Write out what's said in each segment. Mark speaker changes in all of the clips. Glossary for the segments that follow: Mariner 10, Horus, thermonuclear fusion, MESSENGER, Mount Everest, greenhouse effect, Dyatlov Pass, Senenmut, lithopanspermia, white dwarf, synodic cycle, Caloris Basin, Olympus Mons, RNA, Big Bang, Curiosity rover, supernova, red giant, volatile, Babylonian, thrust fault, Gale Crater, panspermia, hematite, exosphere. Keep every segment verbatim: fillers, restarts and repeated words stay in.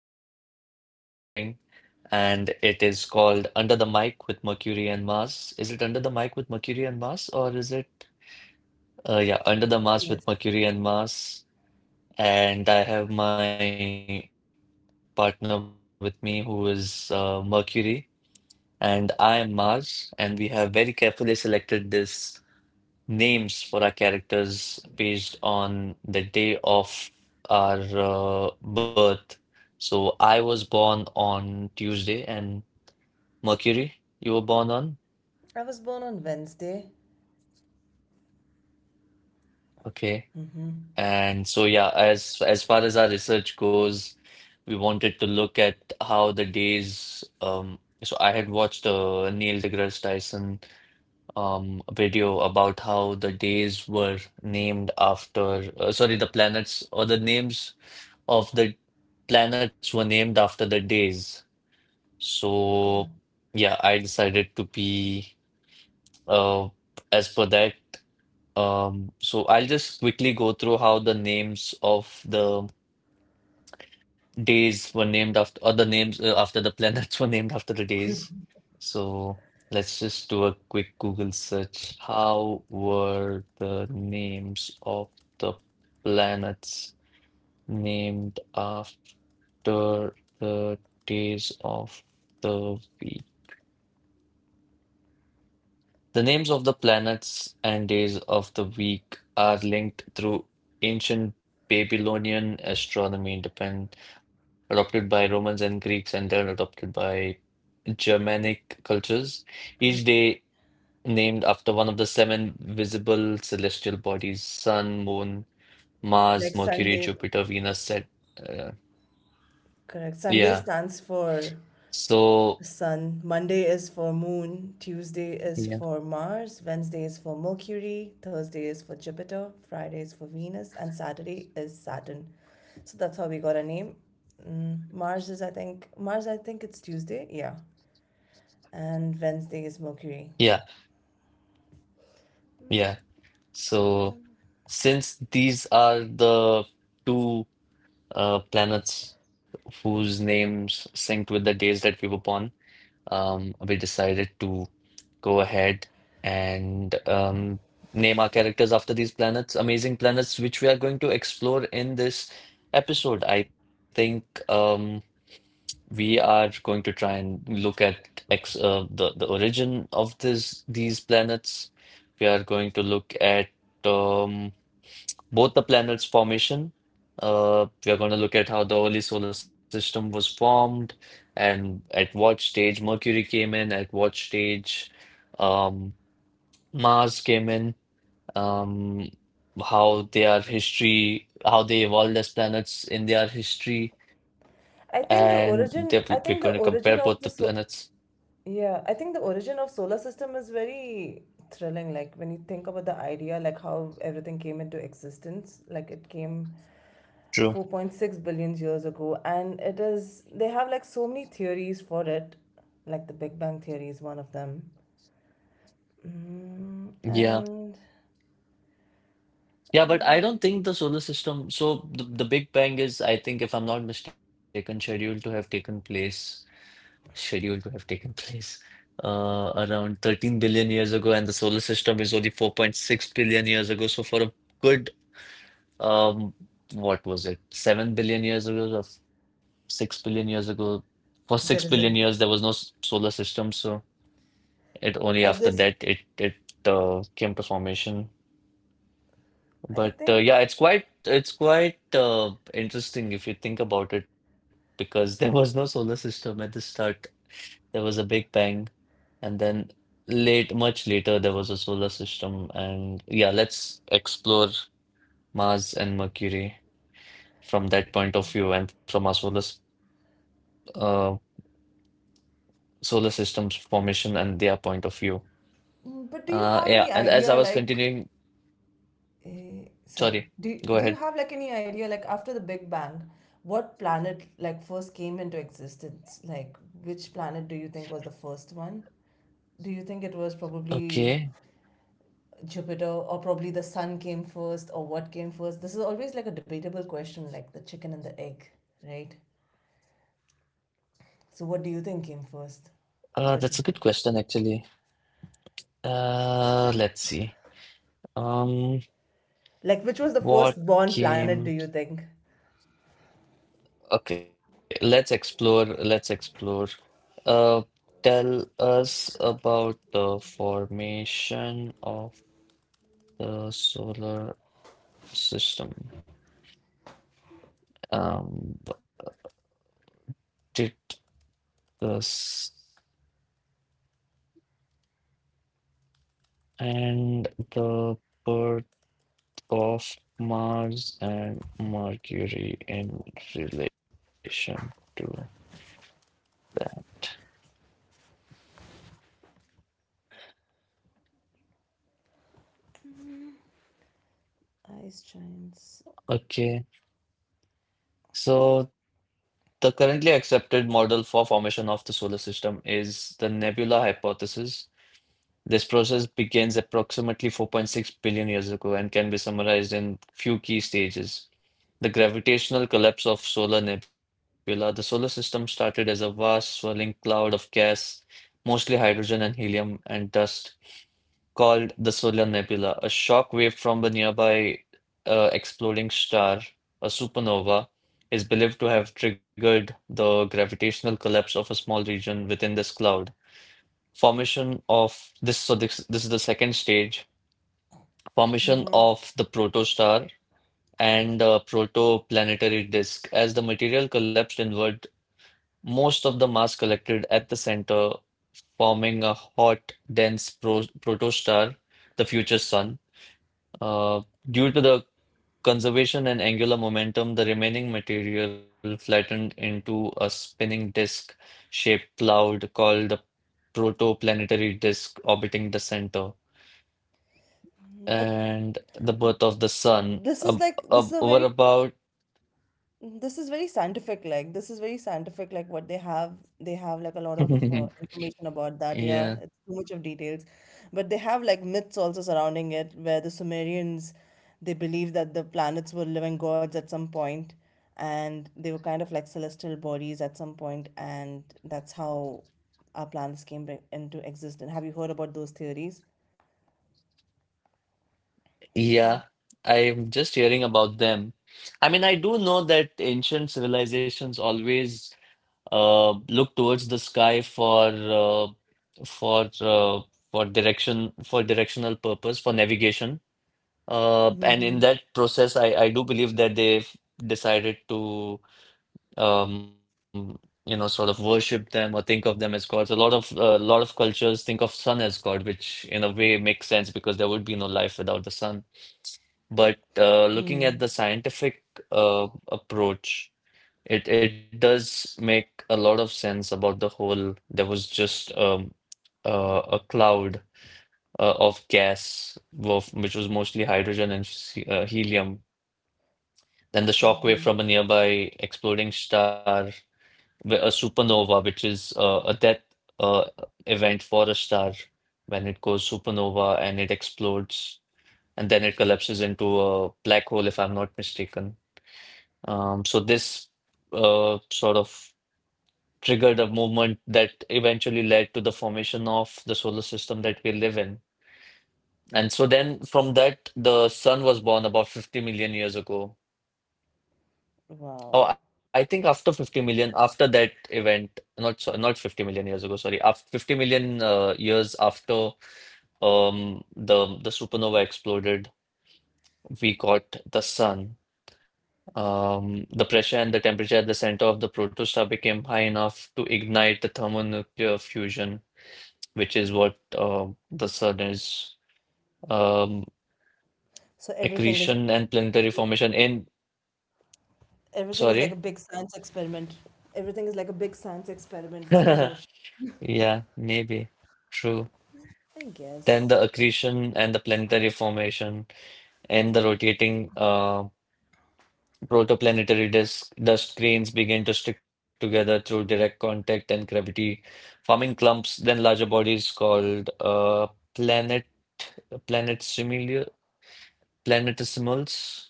Speaker 1: podcast that we are starting, and it is called Under the Mic with Mercury and Mars. Is it Under the Mic with Mercury and Mars, or is it, uh, yeah, Under the Mars with
Speaker 2: Yes.
Speaker 1: Mercury and Mars? And I have my partner with me, who is uh, Mercury, and I am Mars, and we have very carefully selected this names for our characters based on the day of our uh, birth. So I was born on Tuesday, and Mercury, you were born on?
Speaker 2: I was born on Wednesday.
Speaker 1: Okay.
Speaker 2: Mm-hmm.
Speaker 1: And so yeah, as as far as our research goes, we wanted to look at how the days. Um, so I had watched a Neil deGrasse Tyson um video about how the days were named after. Uh, sorry, the planets or the names of the planets were named after the days. So
Speaker 2: Oh,
Speaker 1: yeah, I decided to be uh as per that. Um, so I'll just quickly go through how the names of the days were named after, or the names uh, after the planets were named after the days. So let's just do a quick Google search. How were the names of the planets named after the days of the week? The names of the planets and days of the week are linked through ancient Babylonian astronomy, depend, adopted by Romans and Greeks, and then adopted by Germanic cultures. Each day named after one of the seven visible celestial bodies: Sun, Moon,
Speaker 2: like
Speaker 1: Mars,
Speaker 2: Sunday.
Speaker 1: Mercury, Jupiter, Venus, Saturn. Uh,
Speaker 2: Correct. Sunday
Speaker 1: yeah.
Speaker 2: stands for
Speaker 1: So.
Speaker 2: sun, Monday is for moon, Tuesday is for Mars, Wednesday is for Mercury, Thursday is for Jupiter, Friday is for Venus, and Saturday is Saturn. So that's how we got our name. Mm, Mars is, I think, Mars, I think it's Tuesday. Yeah. And Wednesday is Mercury.
Speaker 1: Yeah, yeah. So since these are the two uh, planets whose names synced with the days that we were born, um, we decided to go ahead and um, name our characters after these planets, amazing planets, which we are going to explore in this episode. I think um, we are going to try and look at ex uh, the the origin of this these planets. We are going to look at um, both the planets' formation. Uh, we are going to look at how the early solar system was formed, and at what stage Mercury came in, at what stage um, Mars came in, um, how their history, how they evolved as planets in their history,
Speaker 2: I
Speaker 1: and
Speaker 2: think the
Speaker 1: they, we- we're
Speaker 2: origin,
Speaker 1: going to
Speaker 2: I think the
Speaker 1: compare both the
Speaker 2: origin of the so
Speaker 1: planets.
Speaker 2: Yeah, I think the origin of solar system is very thrilling. Like when you think about the idea, like how everything came into existence, like it came
Speaker 1: True.
Speaker 2: four point six billion years ago, and it is they have like so many theories for it. Like the Big Bang theory is one of them. Mm,
Speaker 1: Yeah.
Speaker 2: and
Speaker 1: Yeah, but I don't
Speaker 2: and
Speaker 1: think the solar system. So the, the Big Bang is, I think, if I'm not mistaken, scheduled to have taken place, scheduled to have taken place uh, around thirteen billion years ago, and the solar system is only four point six billion years ago. So for a good, um, what was it, seven billion years ago or six billion years ago? For six billion
Speaker 2: there is
Speaker 1: years, there
Speaker 2: a,
Speaker 1: was no s- solar system. So it only
Speaker 2: I
Speaker 1: after
Speaker 2: guess
Speaker 1: that it it uh, came to formation.
Speaker 2: I
Speaker 1: But uh,
Speaker 2: think.
Speaker 1: yeah, it's quite it's quite uh, interesting if you think about it because there was no solar system at the start. There was a Big Bang, and then late, much later, there was a solar system. And yeah, let's explore Mars and Mercury from that point of view and from our solar s- uh, solar system's formation and their point of view.
Speaker 2: Mm, But do you
Speaker 1: Uh,
Speaker 2: have any
Speaker 1: yeah, and as
Speaker 2: idea,
Speaker 1: I was
Speaker 2: like?
Speaker 1: continuing,
Speaker 2: Eh, sorry.
Speaker 1: sorry,
Speaker 2: Do do
Speaker 1: go
Speaker 2: you
Speaker 1: ahead.
Speaker 2: have like any idea like after the Big Bang, what planet like first came into existence? Like which planet do you think was the first one? Do you think it was probably
Speaker 1: Okay.
Speaker 2: Jupiter or probably the sun came first or what came first? This is always like a debatable question, like the chicken and the egg, right? So what do you think came first?
Speaker 1: Uh, that's a good
Speaker 2: Which of them?
Speaker 1: question, actually. Uh, let's see. Um,
Speaker 2: Like which was the
Speaker 1: what
Speaker 2: first born planet do you
Speaker 1: game?
Speaker 2: think?
Speaker 1: Okay, let's explore. Let's explore. Uh, Tell us about the formation of the solar system. Um, what did this and the birth of Mars and Mercury in relation to that?
Speaker 2: Ice giants.
Speaker 1: Okay. So the currently accepted model for formation of the solar system is the nebula hypothesis. This process begins approximately four point six billion years ago and can be summarized in few key stages. The gravitational collapse of solar nebula. The solar system started as a vast swirling cloud of gas, mostly hydrogen and helium and dust called the Solar Nebula, a shock wave from the nearby uh, exploding star, a supernova, is believed to have triggered the gravitational collapse of a small region within this cloud. Formation of this, so this, this is the second stage, formation of the protostar and uh, protoplanetary disk. As the material collapsed inward, most of the mass collected at the center, forming a hot, dense pro protostar, the future sun. Uh, Due to the conservation and angular momentum, the remaining material flattened into a spinning disk-shaped cloud called the protoplanetary disk orbiting the center.
Speaker 2: But
Speaker 1: And the birth of the sun.
Speaker 2: this is
Speaker 1: Ab
Speaker 2: like, this is
Speaker 1: ab
Speaker 2: a very
Speaker 1: What about?
Speaker 2: this is very scientific. Like this is very scientific. Like what they have, they have like a lot of uh, information about that, yeah,
Speaker 1: Yeah,
Speaker 2: it's too much of details. But they have like myths also surrounding it where the sumerians, they believed that the planets were living gods at some point, and they were kind of like celestial bodies at some point, and that's how our planets came back into existence. Have you heard about those theories?
Speaker 1: yeah. I'm just hearing about them. I mean, I do know that ancient civilizations always uh, look towards the sky for uh, for uh, for direction for directional purpose, for navigation. Uh, and
Speaker 2: Mm-hmm.
Speaker 1: in that process, I I do believe that they've decided to um, you know sort of worship them or think of them as gods. A lot of a lot of cultures think of sun as god, which in a way makes sense because there would be no life without the sun. But uh, looking at the scientific uh, approach. It it does make a lot of sense about the whole. There was just um, uh, a cloud uh, of gas, of, which was mostly hydrogen and he- uh, helium. Then the shockwave
Speaker 2: Mm-hmm.
Speaker 1: from a nearby exploding star, wh- a supernova, which is uh, a death uh, event for a star when it goes supernova and it explodes, and then it collapses into a black hole, if I'm not mistaken. Um, so this uh, sort of triggered a movement that eventually led to the formation of the solar system that we live in. And so then from that, the sun was born about fifty million years ago.
Speaker 2: Wow.
Speaker 1: Oh, I think after fifty million, after that event, not so, not fifty million years ago, sorry, after fifty million uh, years after um, the the supernova exploded, we got the sun. Um, the pressure and the temperature at the center of the protostar became high enough to ignite the thermonuclear fusion, which is what uh, the sun is. Um,
Speaker 2: So everything is
Speaker 1: Accretion and planetary formation in,
Speaker 2: everything is like a
Speaker 1: sorry.
Speaker 2: big science experiment. Everything is like a big science experiment, but in motion.
Speaker 1: Yeah, maybe. True.
Speaker 2: I guess.
Speaker 1: Then the accretion and the planetary formation and the rotating uh, protoplanetary disk dust grains begin to stick together through direct contact and gravity, forming clumps, then larger bodies called uh, planet planetisimilia planetesimals.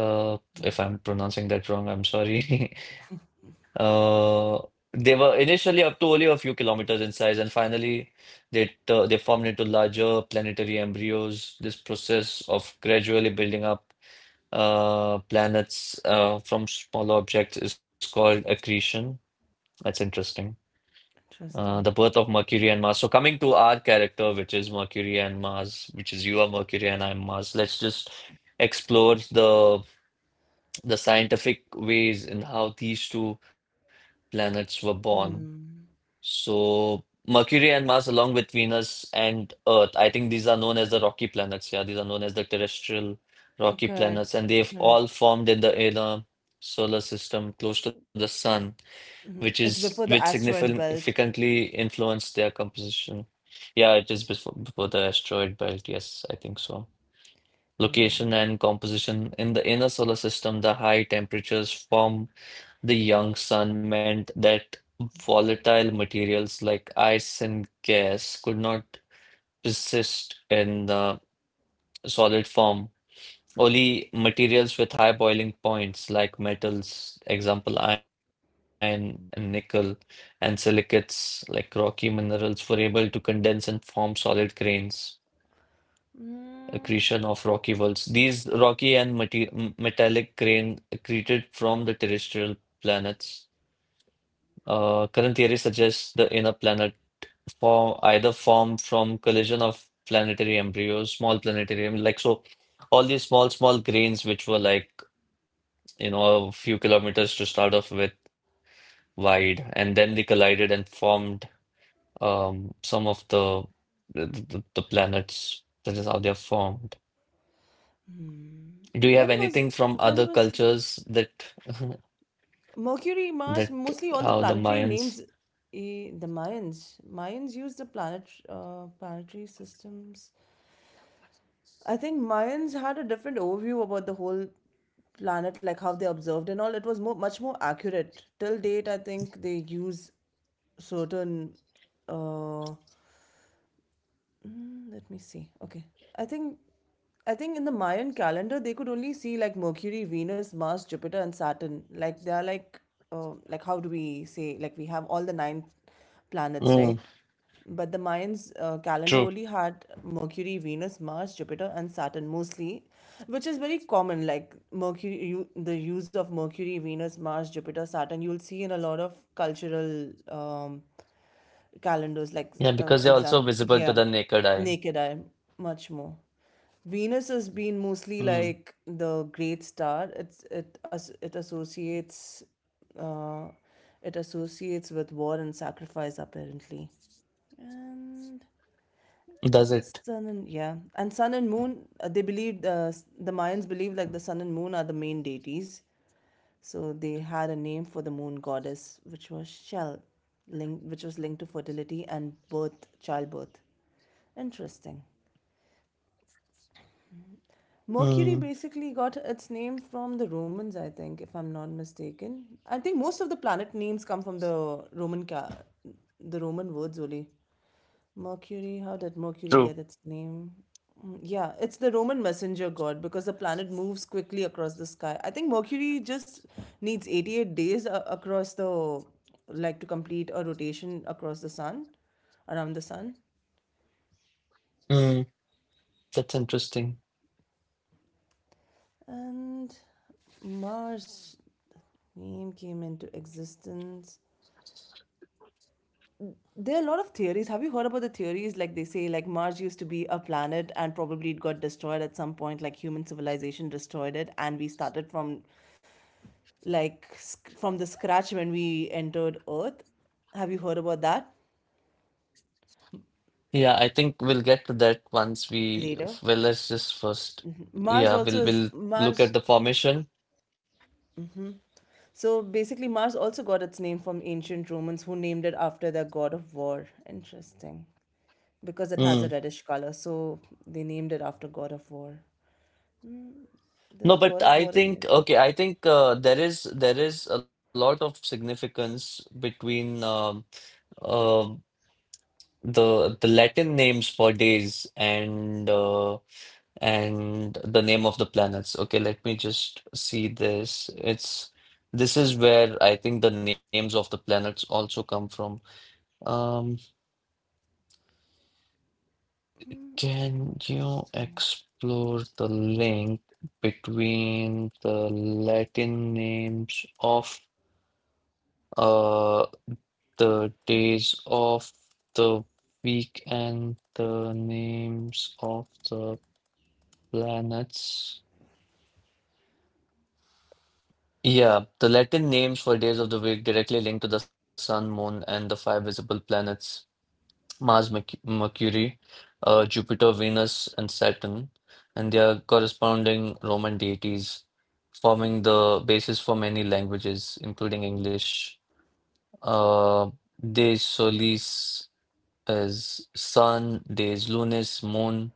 Speaker 1: Uh, if I'm pronouncing that wrong, I'm sorry. Uh, they were initially up to only a few kilometers in size, and finally, they tu- they formed into larger planetary embryos. This process of gradually building up uh, planets uh, from smaller objects is called accretion. That's interesting. Uh, the
Speaker 2: Interesting.
Speaker 1: birth of Mercury and Mars. So coming to our character, which is Mercury and Mars, which is you are Mercury and I'm Mars. Let's just explore the the scientific ways in how these two planets were born. So Mercury and Mars, along with Venus and Earth, I think these are known as the rocky planets. Yeah, these are known as the terrestrial rocky planets, and
Speaker 2: Correct.
Speaker 1: they've all
Speaker 2: Correct.
Speaker 1: formed in the inner solar system close to the sun, which is
Speaker 2: It's before
Speaker 1: which
Speaker 2: the asteroid belt.
Speaker 1: significantly influenced their composition. Yeah, it is before, before the asteroid belt. Yes, I think so. Location and composition in the inner solar system, the high temperatures form the young sun meant that volatile materials like ice and gas could not persist in the solid form. Only materials with high boiling points like metals, example iron and nickel, and silicates like rocky minerals were able to condense and form solid grains. Accretion of rocky worlds. These rocky and mate- m- metallic grain accreted from the terrestrial planets. Uh, current theory suggests the inner planet form either form from collision of planetary embryos, small planetary em- like so all these small, small grains which were like, you know, a few kilometers to start off with wide, and then they collided and formed um some of the the, the, the planets. That is how they are formed. Do you have
Speaker 2: When was
Speaker 1: anything from other
Speaker 2: when was
Speaker 1: cultures that
Speaker 2: Mercury,
Speaker 1: that
Speaker 2: Mars, mostly all the
Speaker 1: how the
Speaker 2: planetary
Speaker 1: Mayans?
Speaker 2: names. Eh, the Mayans. Mayans used the planet uh, planetary systems. I think Mayans had a different overview about the whole planet, like how they observed and all. It was more, much more accurate. Till date, I think they use certain, uh, Mm, let me see. Okay. I think I think in the Mayan calendar they could only see like Mercury, Venus, Mars, Jupiter and Saturn. Like they are like, uh, like how do we say, like we have all the nine planets,
Speaker 1: Mm,
Speaker 2: right? But the Mayans uh, calendar only
Speaker 1: true.
Speaker 2: had Mercury, Venus, Mars, Jupiter and Saturn mostly, which is very common. Like Mercury you, the use of Mercury, Venus, Mars, Jupiter, Saturn you'll see in a lot of cultural um calendars, like,
Speaker 1: Yeah,
Speaker 2: uh,
Speaker 1: because they're also
Speaker 2: example,
Speaker 1: visible to
Speaker 2: yeah.
Speaker 1: the naked eye.
Speaker 2: Naked eye, much more. Venus has been mostly
Speaker 1: Hmm.
Speaker 2: like the great star. It's it as it associates, uh it associates with war and sacrifice apparently. And,
Speaker 1: Does it?
Speaker 2: Sun and yeah, and sun and moon. Uh, they believed uh, s- the Mayans believed like the sun and moon are the main deities, so they had a name for the moon goddess, which was shell, linked which was linked to fertility and birth, childbirth. Interesting. Mercury
Speaker 1: Mm,
Speaker 2: basically got its name from the Romans, I think, if I'm not mistaken. I think most of the planet names come from the Roman ca- the Roman words only. Mercury, how did Mercury get
Speaker 1: true.
Speaker 2: its name? Mm, yeah, it's the Roman messenger god because the planet moves quickly across the sky. I think Mercury just needs eighty-eight days, a- across the, like, to complete a rotation across the sun, around the sun.
Speaker 1: mm, that's interesting.
Speaker 2: And Mars name came into existence. There are a lot of theories. Have you heard about the theories? Like they say, like Mars used to be a planet and probably it got destroyed at some point, like human civilization destroyed it, and we started from like sc- from the scratch when we entered Earth. Have you heard about that?
Speaker 1: Yeah, I think we'll get to that once we.
Speaker 2: Later.
Speaker 1: Well, let's just first.
Speaker 2: Mars
Speaker 1: Yeah,
Speaker 2: also
Speaker 1: we'll
Speaker 2: is
Speaker 1: we'll look
Speaker 2: Mars.
Speaker 1: at the formation.
Speaker 2: So basically, Mars also got its name from ancient Romans who named it after their god of war. Interesting. Because it has
Speaker 1: Mm.
Speaker 2: a reddish color, so they named it after god of war.
Speaker 1: No,
Speaker 2: There's a
Speaker 1: but
Speaker 2: god of
Speaker 1: I
Speaker 2: war in
Speaker 1: think
Speaker 2: every.
Speaker 1: okay. I think uh, there is there is a lot of significance between um, um the the Latin names for days and uh, and the name of the planets. Okay, let me just see this. It's This is where I think the names of the planets also come from. Um, can you
Speaker 2: Interesting.
Speaker 1: explore the link between the Latin names of uh the days of the week and the names of the planets? Yeah, the Latin names for days of the week directly link to the sun, moon, and the five visible planets Mars, Merc- Mercury, uh, Jupiter, Venus, and Saturn, and their corresponding Roman deities, forming the basis for many languages, including English. Uh, De solis is sun, days lunis, moon.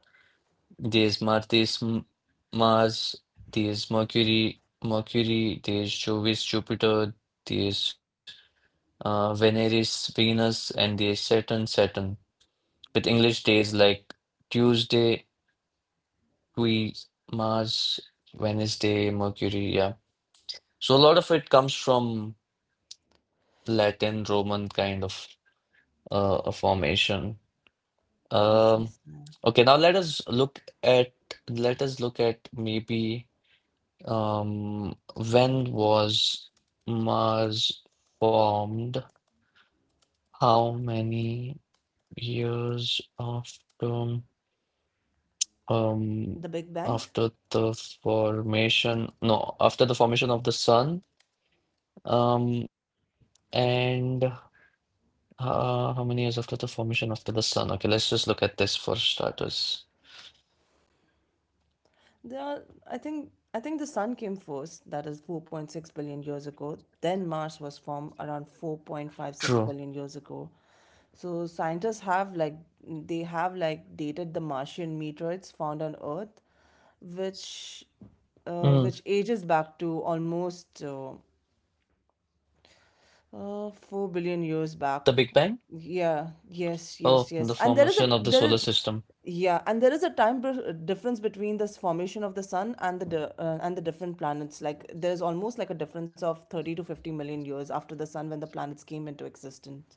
Speaker 1: There's Mars, there's M- Mars, there's Mercury, Mercury, there's Jovis, Jupiter, there's uh, Veneris, Venus, and there's Saturn, Saturn. With English days like Tuesday, Tui, Mars, Wednesday, Mercury, yeah. So a lot of it comes from Latin, Roman kind of uh, a formation. Um,
Speaker 2: Interesting.
Speaker 1: okay, now let us look at let us look at maybe. Um, when was Mars formed? How many years after um
Speaker 2: The Big Bang?
Speaker 1: after the formation? No, after the formation of the sun. Um, and uh, How many years after the formation after the sun? Okay, let's just look at this for starters.
Speaker 2: There are, I think, I think the sun came first, that is four point six billion years ago. Then Mars was formed around
Speaker 1: True.
Speaker 2: four point five six billion years ago. So scientists have, like, they have like dated the Martian meteorites found on Earth, which uh, which
Speaker 1: Mm.
Speaker 2: ages back to almost, uh, uh, four billion years
Speaker 1: The Big
Speaker 2: back.
Speaker 1: Bang?
Speaker 2: Yeah, yes,
Speaker 1: Oh,
Speaker 2: yes,
Speaker 1: the
Speaker 2: yes. And there is a
Speaker 1: formation of the
Speaker 2: there is
Speaker 1: solar system.
Speaker 2: yeah, and there is a time per- difference between this formation of the sun and the di- uh, and the different planets. Like there is almost like a difference of thirty to fifty million years after the sun when the planets came into existence.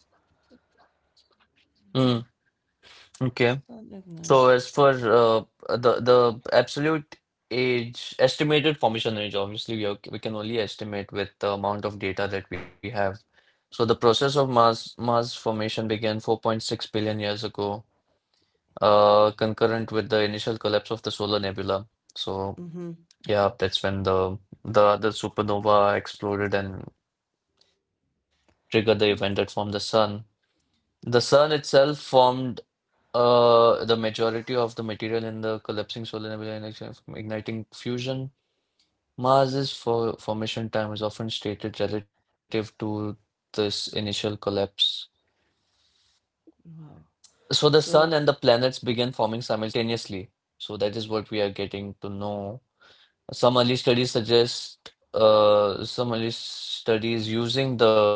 Speaker 1: Mm. Okay.
Speaker 2: Sun
Speaker 1: So
Speaker 2: ignites.
Speaker 1: as for uh, the the absolute age estimated formation age, obviously we are, we can only estimate with the amount of data that we have. So the process of Mars Mars formation began four point six billion years ago, uh, concurrent with the initial collapse of the solar nebula. So
Speaker 2: Mm-hmm.
Speaker 1: yeah, that's when the the other supernova exploded and triggered the event that formed the sun. The sun itself formed. Uh, the majority of the material in the collapsing solar nebula in action igniting fusion. Mars's for formation time is often stated relative to this initial collapse.
Speaker 2: Wow.
Speaker 1: So the sun and
Speaker 2: So
Speaker 1: the planets begin forming simultaneously. So that is what we are getting to know. Some early studies suggest, uh, some early studies using the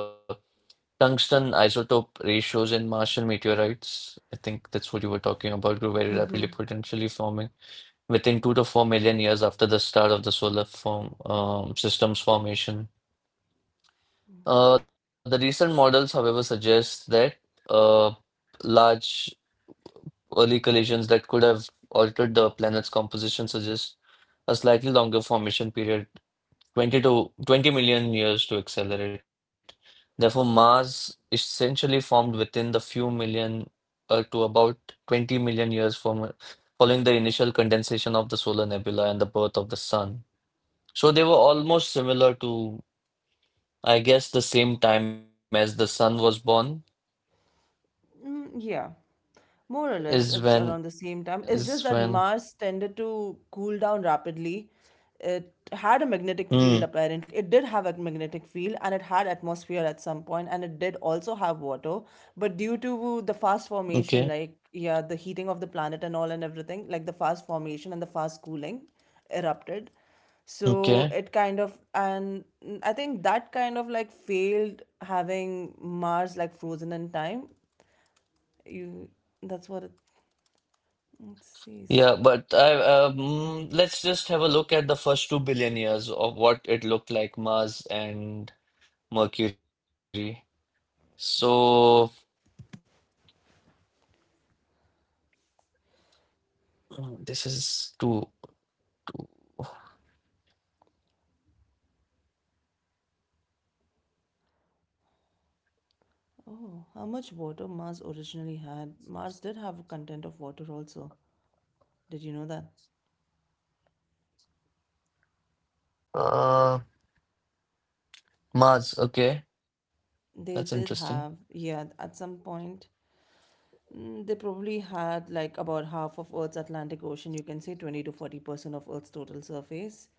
Speaker 1: tungsten isotope ratios in Martian meteorites. I think that's what you were talking about, grew very rapidly, potentially forming within two to four million years after the start of the solar form um, system's formation. Uh, the recent models, however, suggest that uh, large early collisions that could have altered the planet's composition suggest a slightly longer formation period, twenty to twenty million years to accelerate. Therefore, Mars essentially formed within the few million uh, to about twenty million years from following the initial condensation of the solar nebula and the birth of the sun. So they were almost similar to, I guess, the same time as the son was born
Speaker 2: Mm, yeah, more or less,
Speaker 1: is
Speaker 2: it's
Speaker 1: when
Speaker 2: around the same time. It's just
Speaker 1: is
Speaker 2: that
Speaker 1: when.
Speaker 2: Mars tended to cool down rapidly. It had a magnetic field,
Speaker 1: Hmm.
Speaker 2: apparently. It did have a magnetic field and it had atmosphere at some point, and it did also have water. But due to the fast
Speaker 1: Okay.
Speaker 2: formation, like, yeah, the heating of the planet and all and everything, like the fast formation and the fast cooling erupted. So
Speaker 1: Okay.
Speaker 2: it kind of, and mm, I think that kind of like failed having Mars like frozen in time, you, that's what it, it says.
Speaker 1: Yeah, but I um, let's just have a look at the first two billion years of what it looked like Mars and Mercury. So mm, this is two.
Speaker 2: Oh, how much water Mars originally had. Mars did have a content of water also. Did you know that?
Speaker 1: Uh, Mars. Okay, that's
Speaker 2: They did
Speaker 1: interesting.
Speaker 2: have, yeah, at some point. mm, They probably had like about half of Earth's Atlantic Ocean. You can say twenty to forty percent of Earth's total surface.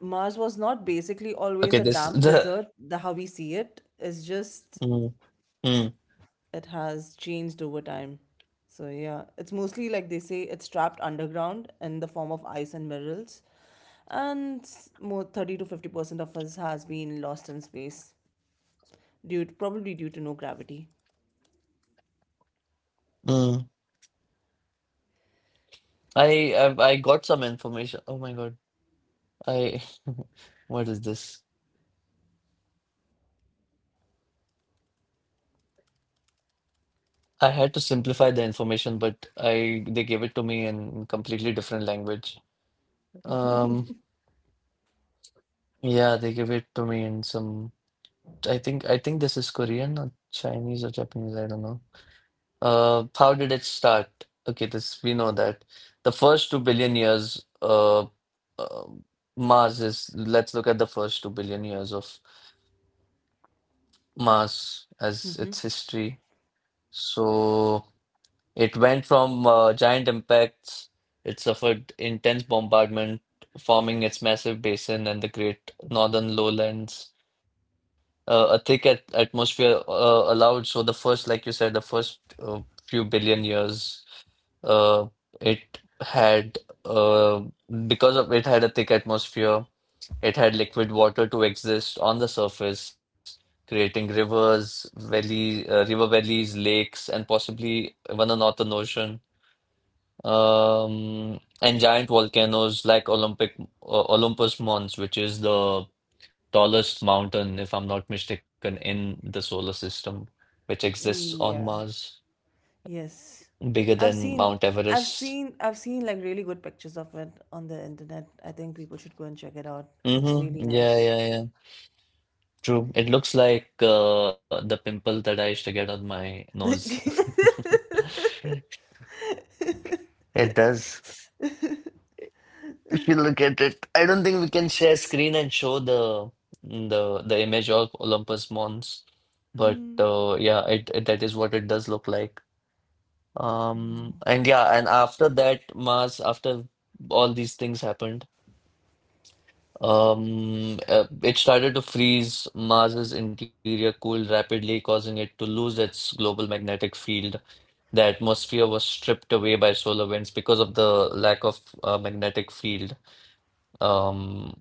Speaker 2: Mars was not basically always
Speaker 1: Okay,
Speaker 2: a
Speaker 1: this
Speaker 2: damp
Speaker 1: the.
Speaker 2: desert, the how we see it is just
Speaker 1: Mm, mm,
Speaker 2: it has changed over time. So yeah, it's mostly like they say it's trapped underground in the form of ice and minerals, and s- more thirty to fifty percent of us has been lost in space due to, probably due to no gravity.
Speaker 1: mm. I, I I got some information. Oh my God. I what is this? I had to simplify the information, but I they gave it to me in completely different language. Um, yeah, they gave it to me in some. I think I think this is Korean or Chinese or Japanese. I don't know. Uh, how did it start? Okay, this we know that the first two billion years. Uh, uh, Mars is. Let's look at the first two billion years of Mars as its history. So. It went from uh, giant impacts, it suffered intense bombardment, forming its massive basin and the Great Northern Lowlands. Uh, a thick at atmosphere uh, allowed, so the first, like you said, the first uh, few billion years, uh, it had, uh, because of it had a thick atmosphere, it had liquid water to exist on the surface, creating rivers, valley, uh, river valleys, lakes, and possibly even a northern ocean. Um, and giant volcanoes like Olympic uh, Olympus Mons, which is the tallest mountain, if I'm not mistaken, in the solar system, which exists on
Speaker 2: Yeah.
Speaker 1: Mars,
Speaker 2: Yes.
Speaker 1: bigger
Speaker 2: I've
Speaker 1: than
Speaker 2: seen
Speaker 1: Mount
Speaker 2: I've
Speaker 1: Everest.
Speaker 2: seen I've seen like really good pictures of it on the internet. I think people should go and check it out. It's really
Speaker 1: Mm-hmm. Yeah,
Speaker 2: nice.
Speaker 1: yeah, yeah. True. It looks like uh, the pimple that I used to get on my nose. It does. If you look at it, I don't think we can share screen and show the the the image of Olympus Mons, but
Speaker 2: Mm,
Speaker 1: uh, yeah, it, it that is what it does look like. Um, and yeah, and after that Mars, after all these things happened, um, uh, it started to freeze. Mars's interior cooled rapidly, causing it to lose its global magnetic field. The atmosphere was stripped away by solar winds because of the lack of uh, magnetic field. Um,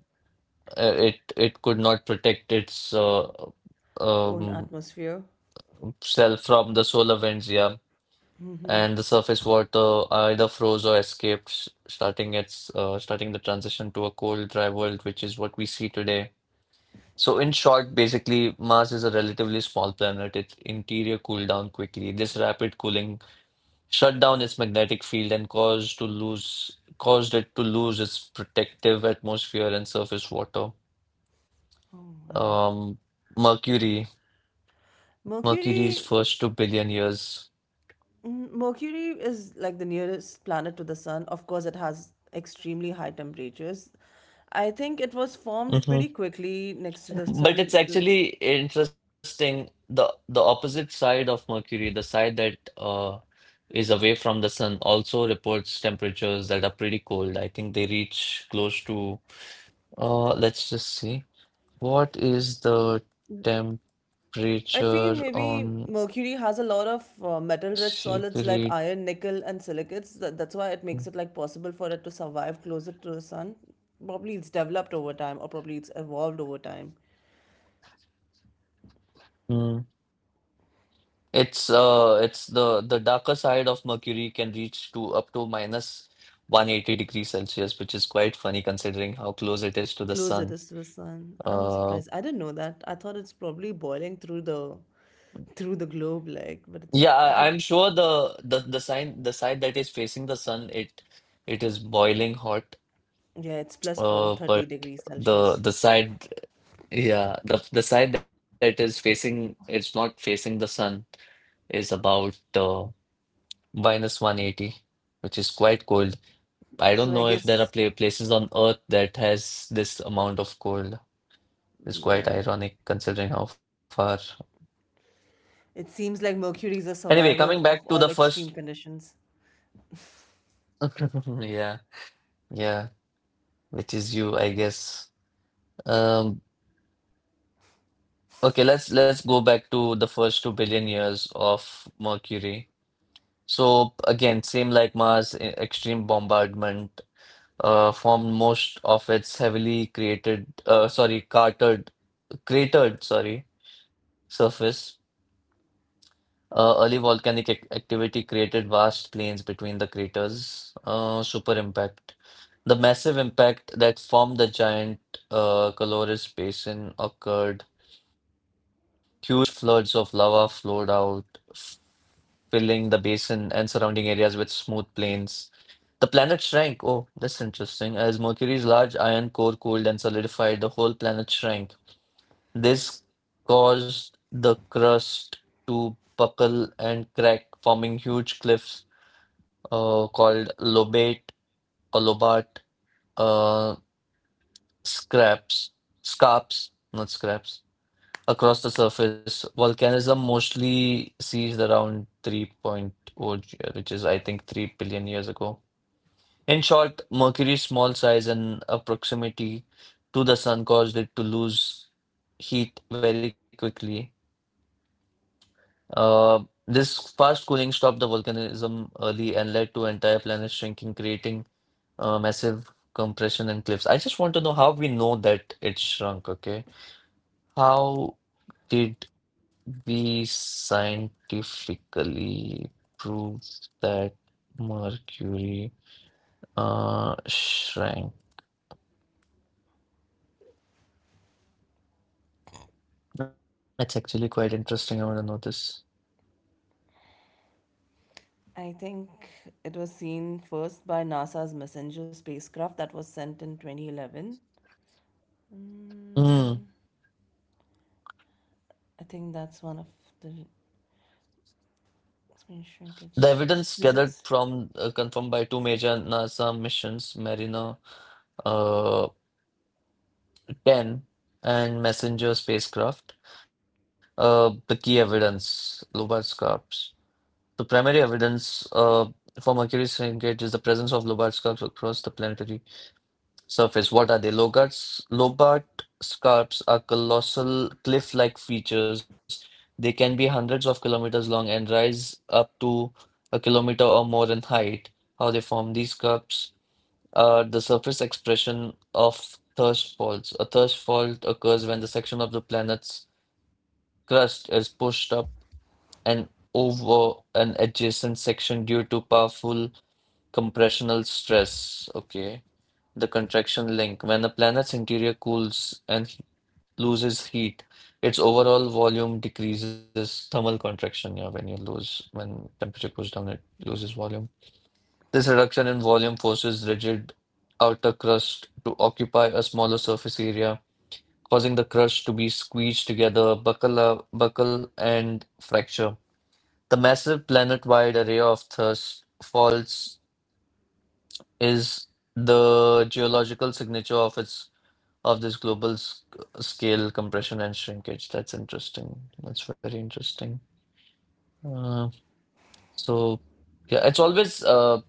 Speaker 1: uh, it it could not protect its uh,
Speaker 2: Own
Speaker 1: um,
Speaker 2: atmosphere.
Speaker 1: self from the solar winds, yeah, and the surface water either froze or escaped, s- starting its uh, starting the transition to a cold, dry world, which is what we see today. So, in short, basically, Mars is a relatively small planet. Its interior cooled down quickly. This rapid cooling shut down its magnetic field and caused to lose caused it to lose its protective atmosphere and surface water.
Speaker 2: Oh, wow.
Speaker 1: Um, Mercury. Mercury's
Speaker 2: Mercury
Speaker 1: first two billion years.
Speaker 2: Mm, Mercury is like the nearest planet to the sun. Of course, it has extremely high temperatures. I think it was formed
Speaker 1: hmm
Speaker 2: pretty quickly next to the
Speaker 1: But
Speaker 2: sun.
Speaker 1: it's
Speaker 2: L-
Speaker 1: actually interesting. The the opposite side of Mercury, the side that uh, is away from the sun, also reports temperatures that are pretty cold. I think they reach close to uh, let's just see. What is the
Speaker 2: I feel
Speaker 1: temperature
Speaker 2: maybe
Speaker 1: on
Speaker 2: Mercury has a lot of uh, metal-rich solids like
Speaker 1: Mercury.
Speaker 2: iron, nickel, and silicates. That, that's why it makes it like possible for it to survive closer to the sun. Probably it's developed over time, or probably it's evolved over time.
Speaker 1: Hmm. It's uh it's the the darker side of Mercury can reach to up to minus one hundred eighty degrees Celsius, which is quite funny considering how close it is to the
Speaker 2: Closer is to
Speaker 1: sun.
Speaker 2: the sun. I'm surprised.
Speaker 1: Uh
Speaker 2: I didn't know that. I thought it's probably boiling through the through the globe, like, but
Speaker 1: yeah,
Speaker 2: it's
Speaker 1: I, I'm
Speaker 2: but
Speaker 1: sure the the the sign the side that is facing the sun it it is boiling hot.
Speaker 2: yeah, it's plus four
Speaker 1: Uh
Speaker 2: thirty
Speaker 1: but
Speaker 2: degrees
Speaker 1: the
Speaker 2: Celsius.
Speaker 1: the side, yeah, the the side that is facing, it's not facing the sun, is about uh minus one hundred eighty, which is quite cold. I don't
Speaker 2: So
Speaker 1: know
Speaker 2: I
Speaker 1: if there are
Speaker 2: guess,
Speaker 1: pla places on Earth that has this amount of cold. It's quite
Speaker 2: like,
Speaker 1: ironic considering how far.
Speaker 2: it seems like Mercury is a
Speaker 1: Anyway, coming
Speaker 2: survivor
Speaker 1: back to
Speaker 2: of
Speaker 1: the
Speaker 2: all
Speaker 1: first,
Speaker 2: extreme conditions.
Speaker 1: yeah, yeah, which is you, I guess. Um, okay, let's let's go back to the first two billion years of Mercury. So again, same like Mars, e- extreme bombardment uh, formed most of its heavily created, uh, sorry, cartered, cratered, sorry, surface. Uh, early volcanic ac- activity created vast plains between the craters. Uh, super impact. The massive impact that formed the giant uh, Caloris Basin occurred. Huge floods of lava flowed out, f- filling the basin and surrounding areas with smooth plains. The planet shrank. Oh, that's interesting. As Mercury's large iron core cooled and solidified, the whole planet shrank. This caused the crust to buckle and crack, forming huge cliffs uh, called lobate or lobate, uh, scraps, scarps, not scraps, across the surface. Volcanism mostly ceased around 3.0, point oh, G- which is, I think, three billion years ago. In short, Mercury's small size and uh, proximity to the sun caused it to lose heat very quickly. Uh, this fast cooling stopped the volcanism early and led to entire planets shrinking, creating uh, massive compression and cliffs. I just want to know how we know that it shrunk, okay? How did we scientifically prove that Mercury uh, shrank? That's actually quite interesting. I want to know this.
Speaker 2: I think it was seen first by NASA's Messenger spacecraft that was sent in twenty eleven.
Speaker 1: Hmm.
Speaker 2: I think that's one of the, explain
Speaker 1: The
Speaker 2: shrinkage
Speaker 1: evidence
Speaker 2: is
Speaker 1: gathered
Speaker 2: physics
Speaker 1: from uh, confirmed by two major NASA missions, Mariner uh, ten and messenger spacecraft. Uh, the key evidence, Lobat's scarps. The primary evidence uh, for Mercury's shrinkage is the presence of Lobart scarps across the planetary surface. What are they? Logart's, Lobart scarps are colossal cliff-like features. They can be hundreds of kilometers long and rise up to a kilometer or more in height. How they form these scarps? Uh, the surface expression of thrust faults. A thrust fault occurs when the section of the planet's crust is pushed up and over an adjacent section due to powerful compressional stress. Okay. The contraction link. When a planet's interior cools and he- loses heat, its overall volume decreases. Thermal contraction, yeah, when you lose, when temperature goes down, it loses volume. This reduction in volume forces rigid outer crust to occupy a smaller surface area, causing the crust to be squeezed together, buckle, up- buckle and fracture. The massive planet-wide array of thrust faults is the geological signature of its of this global sc- scale compression and shrinkage. That's interesting. That's very interesting. Uh, so yeah, it's always, uh,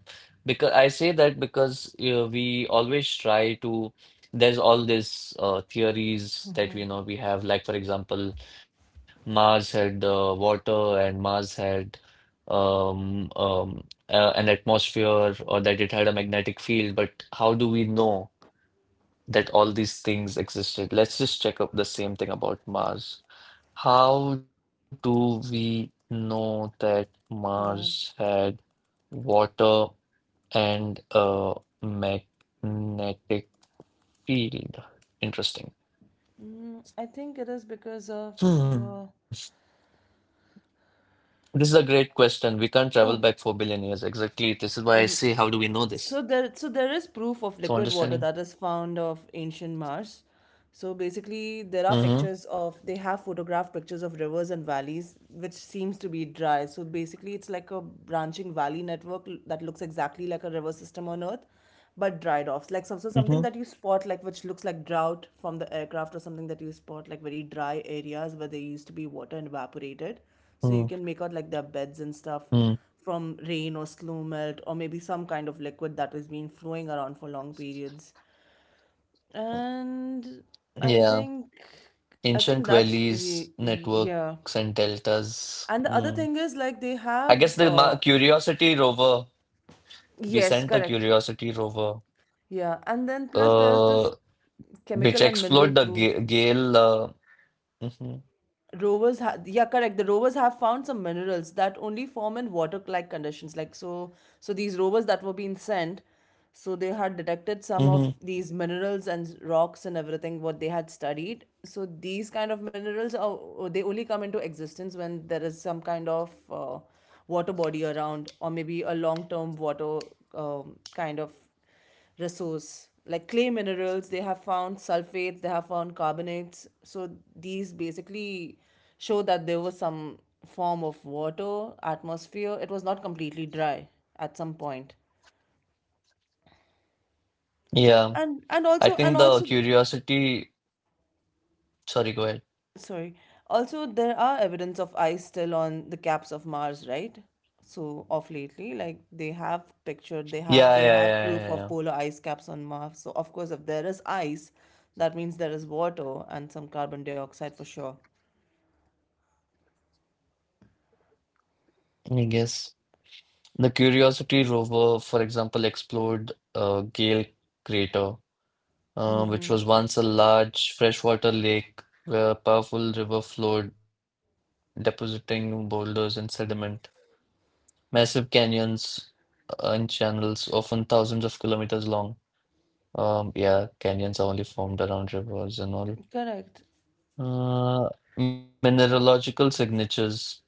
Speaker 1: because I say that because uh, we always try to, there's all these uh, theories that you know we have. Like for example, Mars had uh, water and Mars had um, um, uh, an atmosphere, or that it had a magnetic field. But how do we know that all these things existed? Let's just check up the same thing about Mars. How do we know that Mars
Speaker 2: that.
Speaker 1: had water? and uh, magnetic field. Interesting.
Speaker 2: Mm, I think it is because of, uh,
Speaker 1: Hmm. This is a great question. We can't travel
Speaker 2: oh,
Speaker 1: back four billion years. Exactly. This is why I say, how do we know this?
Speaker 2: So there, so there is proof of
Speaker 1: So,
Speaker 2: liquid water
Speaker 1: understanding.
Speaker 2: that is found of ancient Mars. So basically, there are
Speaker 1: Mm-hmm.
Speaker 2: pictures of they have photographed pictures of rivers and valleys, which seems to be dry. So basically, it's like a branching valley network l- that looks exactly like a river system on Earth, but dried off. Like some, so something that you
Speaker 1: Mm-hmm.
Speaker 2: spot, like which looks like drought from the aircraft, or something that you spot, like very dry areas where there used to be water and evaporated.
Speaker 1: mm
Speaker 2: So you can make out like their beds and stuff
Speaker 1: Mm.
Speaker 2: from rain or slow melt or maybe some kind of liquid that has been flowing around for long periods. And i
Speaker 1: Yeah.
Speaker 2: think i think
Speaker 1: Ancient
Speaker 2: that's y-
Speaker 1: valleys,
Speaker 2: y- yeah.
Speaker 1: networks, and deltas.
Speaker 2: And the
Speaker 1: Mm.
Speaker 2: other thing is like they
Speaker 1: I
Speaker 2: have
Speaker 1: guess the Ma
Speaker 2: uh
Speaker 1: Curiosity rover, we
Speaker 2: yes,
Speaker 1: sent the
Speaker 2: correct,
Speaker 1: Curiosity rover,
Speaker 2: yeah. And then plus there's this
Speaker 1: uh, which
Speaker 2: chemical and mineral
Speaker 1: explored the
Speaker 2: proof.
Speaker 1: Ga- Gale. Uh, hmm
Speaker 2: Rovers have Yeah, correct, the rovers have found some minerals that only form in water like conditions, like. So so these rovers that were being sent, so they had detected some of
Speaker 1: hmm
Speaker 2: these minerals and rocks and everything what they had studied. So these kind of minerals are, oh, they only come into existence when there is some kind of uh, water body around, or maybe a long term water, um, kind of resource. Like clay minerals, they have found sulfates, they have found carbonates. So these basically show that there was some form of water, atmosphere. It was not completely dry at some point.
Speaker 1: Yeah.
Speaker 2: And and
Speaker 1: I
Speaker 2: also and
Speaker 1: think the
Speaker 2: also
Speaker 1: curiosity, sorry, go ahead.
Speaker 2: Sorry. Also, there are evidence of ice still on the caps of Mars, right? So, of lately, like they have pictured, they have
Speaker 1: Yeah,
Speaker 2: they have proof
Speaker 1: yeah,
Speaker 2: of
Speaker 1: yeah,
Speaker 2: polar ice caps on Mars. So, of course, if there is ice, that means there is water and some carbon dioxide for sure.
Speaker 1: yeah, yeah. I guess the Curiosity rover, for example, explored uh, Gale Crater, uh, which was once a large freshwater lake where a powerful river flowed, depositing boulders and sediment. Massive canyons and channels, often thousands of kilometers long. Um, yeah, canyons are only formed around rivers and all.
Speaker 2: Correct.
Speaker 1: Uh, Mineralogical signatures.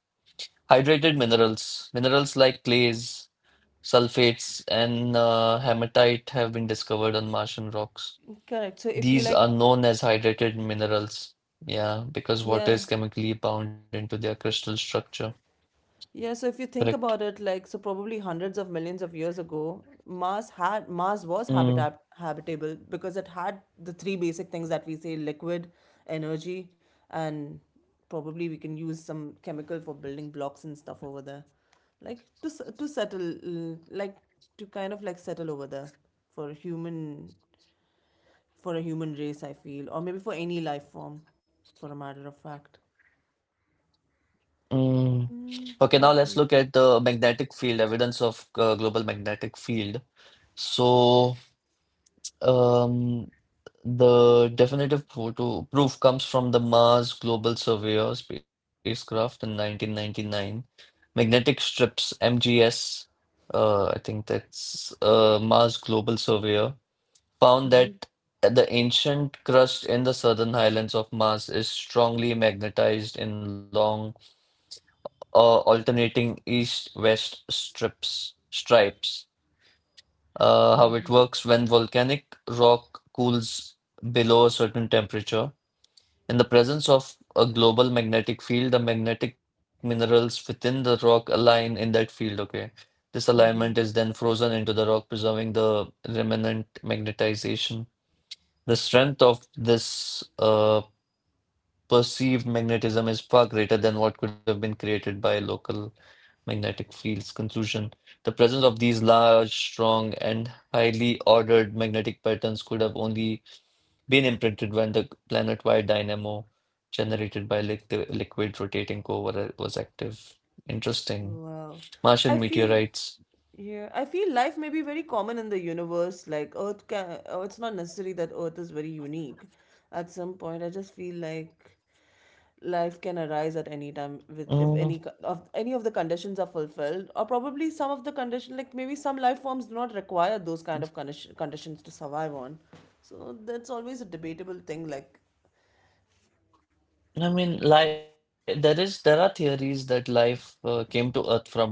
Speaker 1: Hydrated minerals, minerals like clays, sulfates, and uh, hematite have been discovered on Martian rocks.
Speaker 2: Correct. So, if you
Speaker 1: These are
Speaker 2: like,
Speaker 1: known as hydrated minerals. Yeah, because water
Speaker 2: yeah.
Speaker 1: is chemically bound into their crystal structure.
Speaker 2: Yeah, so if you think
Speaker 1: Correct.
Speaker 2: about it, like so probably hundreds of millions of years ago, Mars had Mars was
Speaker 1: Mm,
Speaker 2: habitat habitable because it had the three basic things that we say liquid, energy, and probably we can use some chemical for building blocks and stuff over there. Like to s- to settle mm, like to kind of like settle over there for a human for a human race, I feel, or maybe for any life form, for a matter of fact.
Speaker 1: mm. Okay,
Speaker 2: Mm,
Speaker 1: now let's
Speaker 2: what
Speaker 1: look
Speaker 2: we
Speaker 1: at the magnetic field, evidence of uh, global magnetic field. So, um, the definitive photo proof comes from the Mars Global Surveyor spacecraft in nineteen ninety-nine. Magnetic strips, M G S, uh, I think that's uh, Mars Global Surveyor, found that the ancient crust in the southern highlands of Mars is strongly magnetized in long, uh, alternating east-west strips stripes. Uh, how it works when volcanic rock cools below a certain temperature. In the presence of a global magnetic field, the magnetic minerals within the rock align in that field, okay? This alignment is then frozen into the rock, preserving the remnant magnetization. The strength of this uh, perceived magnetism is far greater than what could have been created by local magnetic fields. Conclusion: the presence of these large, strong, and highly ordered magnetic patterns could have only been imprinted when the planet-wide dynamo generated by liq- the liquid rotating core was active. Interesting.
Speaker 2: Wow.
Speaker 1: Martian
Speaker 2: I feel
Speaker 1: meteorites.
Speaker 2: Yeah, I feel life may be very common in the universe. Like Earth can, oh, it's not necessary that Earth is very unique. At some point, I just feel like life can arise at any time with
Speaker 1: Mm,
Speaker 2: if any co- of any of the conditions are fulfilled, or probably some of the condition, like maybe some life forms do not require those kind of condition, conditions to survive on. So that's always a debatable thing. Like
Speaker 1: I mean, li there is there are theories that life uh, came to Earth from Mars.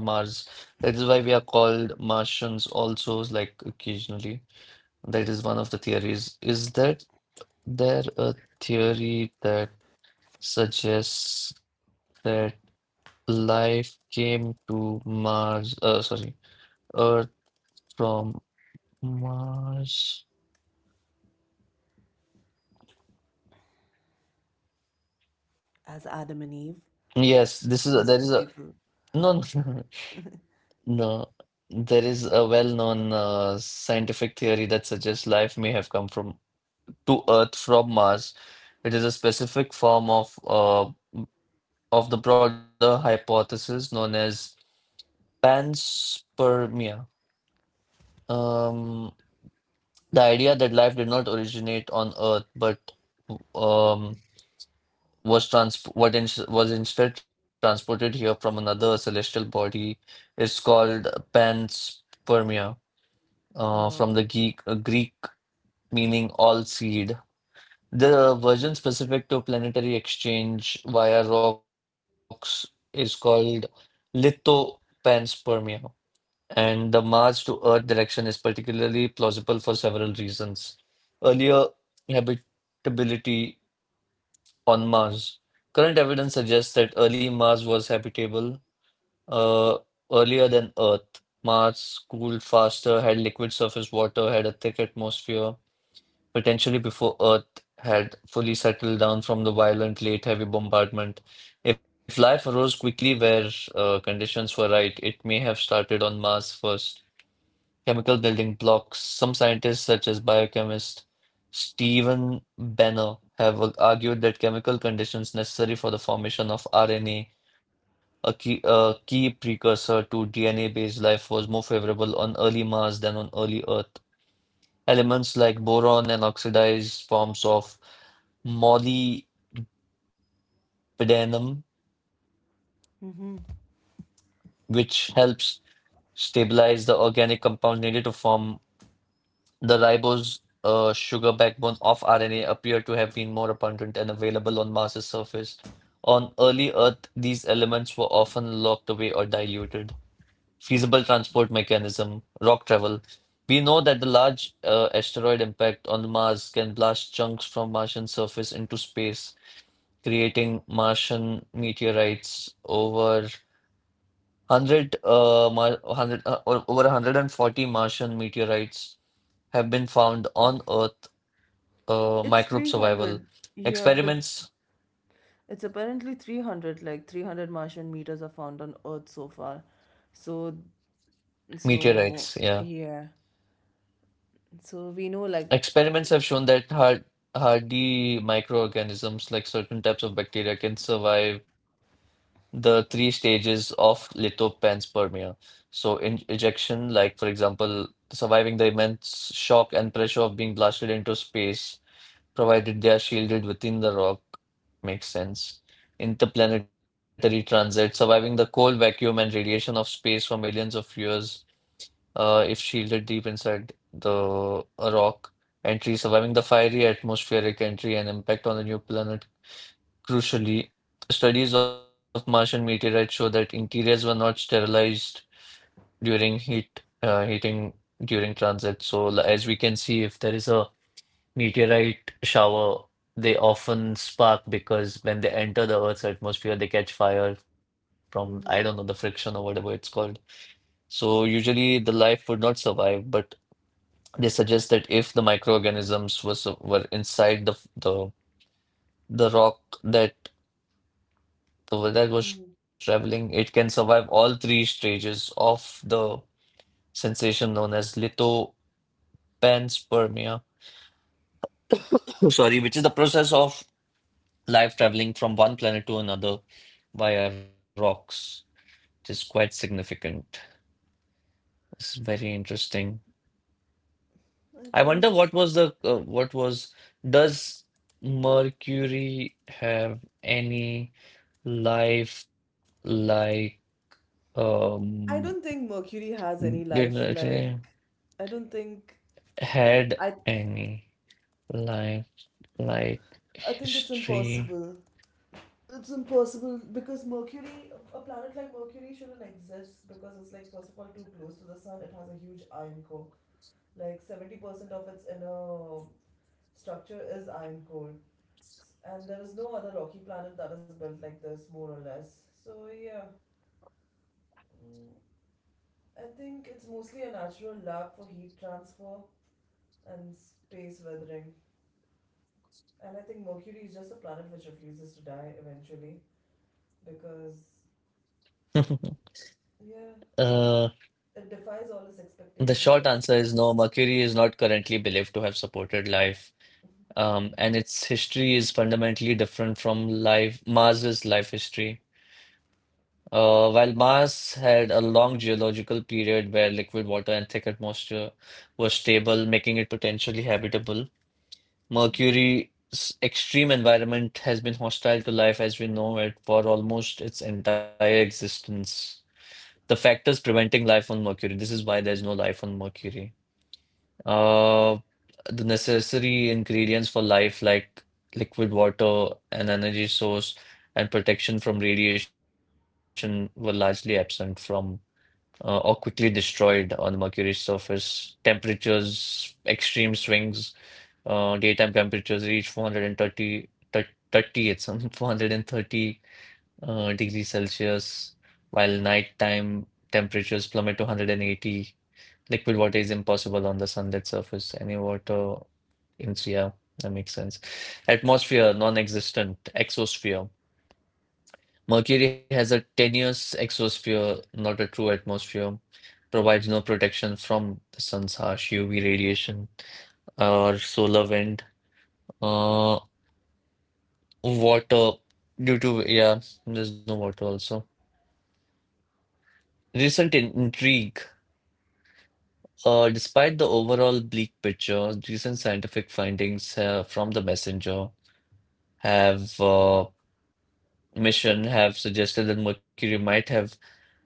Speaker 1: That is why we are called Martians also, like occasionally. That is one of the theories. Is that there a theory that suggests that life came to Mars, uh, sorry, Earth? From Mars.
Speaker 2: as Adam and Eve,
Speaker 1: Yes, this is a, there is a
Speaker 2: first two people.
Speaker 1: no. No. There is a well-known uh, scientific theory that suggests life may have come from to Earth from Mars. It is a specific form of uh, of the broader hypothesis known as panspermia. Um, the idea that life did not originate on Earth, but um, was trans what ins was instead transported here from another celestial body is called panspermia, uh,
Speaker 2: Yeah.
Speaker 1: from the Greek, Greek meaning all seed. The version specific to planetary exchange via rocks is called lithopanspermia, and the Mars to Earth direction is particularly plausible for several reasons. Earlier habitability on Mars. Current evidence suggests that early Mars was habitable uh, earlier than Earth. Mars cooled faster, had liquid surface water, had a thick atmosphere, potentially before Earth had fully settled down from the violent late heavy bombardment. If life arose quickly where uh, conditions were right, it may have started on Mars first. Chemical building blocks. Some scientists, such as biochemist Stephen Benner, have ar- argued that chemical conditions necessary for the formation of R N A, a a key, a key precursor to D N A-based life, was more favorable on early Mars than on early Earth. Elements like boron and oxidized forms of molybdenum, which helps stabilize the organic compound needed to form the ribose uh, sugar backbone of R N A appear to have been more abundant and available on Mars's surface. On early Earth, these elements were often locked away or diluted. Feasible transport mechanism, rock travel. We know that the large uh, asteroid impact on Mars can blast chunks from Martian surface into space, creating Martian meteorites over one hundred uh, mar one hundred uh, or over one hundred forty Martian meteorites have been found on Earth, uh,
Speaker 2: It's
Speaker 1: microbe survival
Speaker 2: three hundred. Yeah, but
Speaker 1: experiments,
Speaker 2: it's apparently three hundred, like three hundred Martian meters are found on Earth so far. So, so
Speaker 1: meteorites. Yeah,
Speaker 2: yeah. So we know like
Speaker 1: experiments have shown that hard, hardy microorganisms like certain types of bacteria can survive the three stages of lithopanspermia. So, in ejection, like for example, surviving the immense shock and pressure of being blasted into space provided they are shielded within the rock. Makes sense. Interplanetary transit, surviving the cold vacuum and radiation of space for millions of years, uh, if shielded deep inside the a rock. Entry, surviving the fiery atmospheric entry and impact on the new planet. Crucially, studies of Martian meteorites show that interiors were not sterilized during heat, uh, heating during transit. So, l- as we can see, if there is a meteorite shower, they often spark because when they enter the Earth's atmosphere, they catch fire from, I don't know, the friction or whatever it's called. So usually the life would not survive, but they suggest that if the microorganisms was were inside the the the rock that that was traveling, it can survive all three stages of the sensation known as lithopanspermia. Sorry, which is the process of life traveling from one planet to another via rocks, which is quite significant. It's very interesting.
Speaker 2: I
Speaker 1: I wonder
Speaker 2: think
Speaker 1: what was the uh, what was does Mercury have any life like, um
Speaker 2: I don't think Mercury has any
Speaker 1: did
Speaker 2: life like
Speaker 1: it
Speaker 2: I don't think
Speaker 1: had
Speaker 2: I
Speaker 1: any life like
Speaker 2: I think it's
Speaker 1: history?
Speaker 2: impossible. It's impossible because Mercury, a planet like Mercury shouldn't exist because it's like first of all too close to the sun. It has a huge iron core. Like seventy percent of its inner structure is iron core, S- and there is no other rocky planet that is built like this, more or less. So, yeah, mm, I think it's mostly a natural lab for heat transfer and space weathering. And I think Mercury is just a planet which refuses to die eventually because, yeah,
Speaker 1: Uh,
Speaker 2: it defies all its
Speaker 1: the
Speaker 2: expectations
Speaker 1: short
Speaker 2: because
Speaker 1: answer is no, Mercury is not currently believed to have supported life, um, and its history is fundamentally different from life Mars's life history. Uh, while Mars had a long geological period where liquid water and thick atmosphere were stable, making it potentially habitable, Mercury's extreme environment has been hostile to life as we know it for almost its entire existence. The factors preventing life on Mercury, this is why there's no life on Mercury. Uh, the necessary ingredients for life, like liquid water, an energy source, and protection from radiation, were largely absent from uh, or quickly destroyed on the Mercury's surface. Temperatures, extreme swings, uh, daytime temperatures reach four hundred thirty, thirty, thir- thirty, it's something four hundred thirty uh, degrees Celsius, while nighttime temperatures plummet to one hundred eighty. Liquid water is impossible on the sunlit surface. Any water in yeah, that makes sense. Atmosphere, non-existent. Exosphere. Mercury has a tenuous exosphere, not a true atmosphere. Provides no protection from the sun's harsh U V radiation or solar wind. Uh, Water, due to, yeah, there's no water also. Recent in intrigue. Uh, despite the overall bleak picture, recent scientific findings uh, from the messenger have uh, mission have suggested that Mercury might have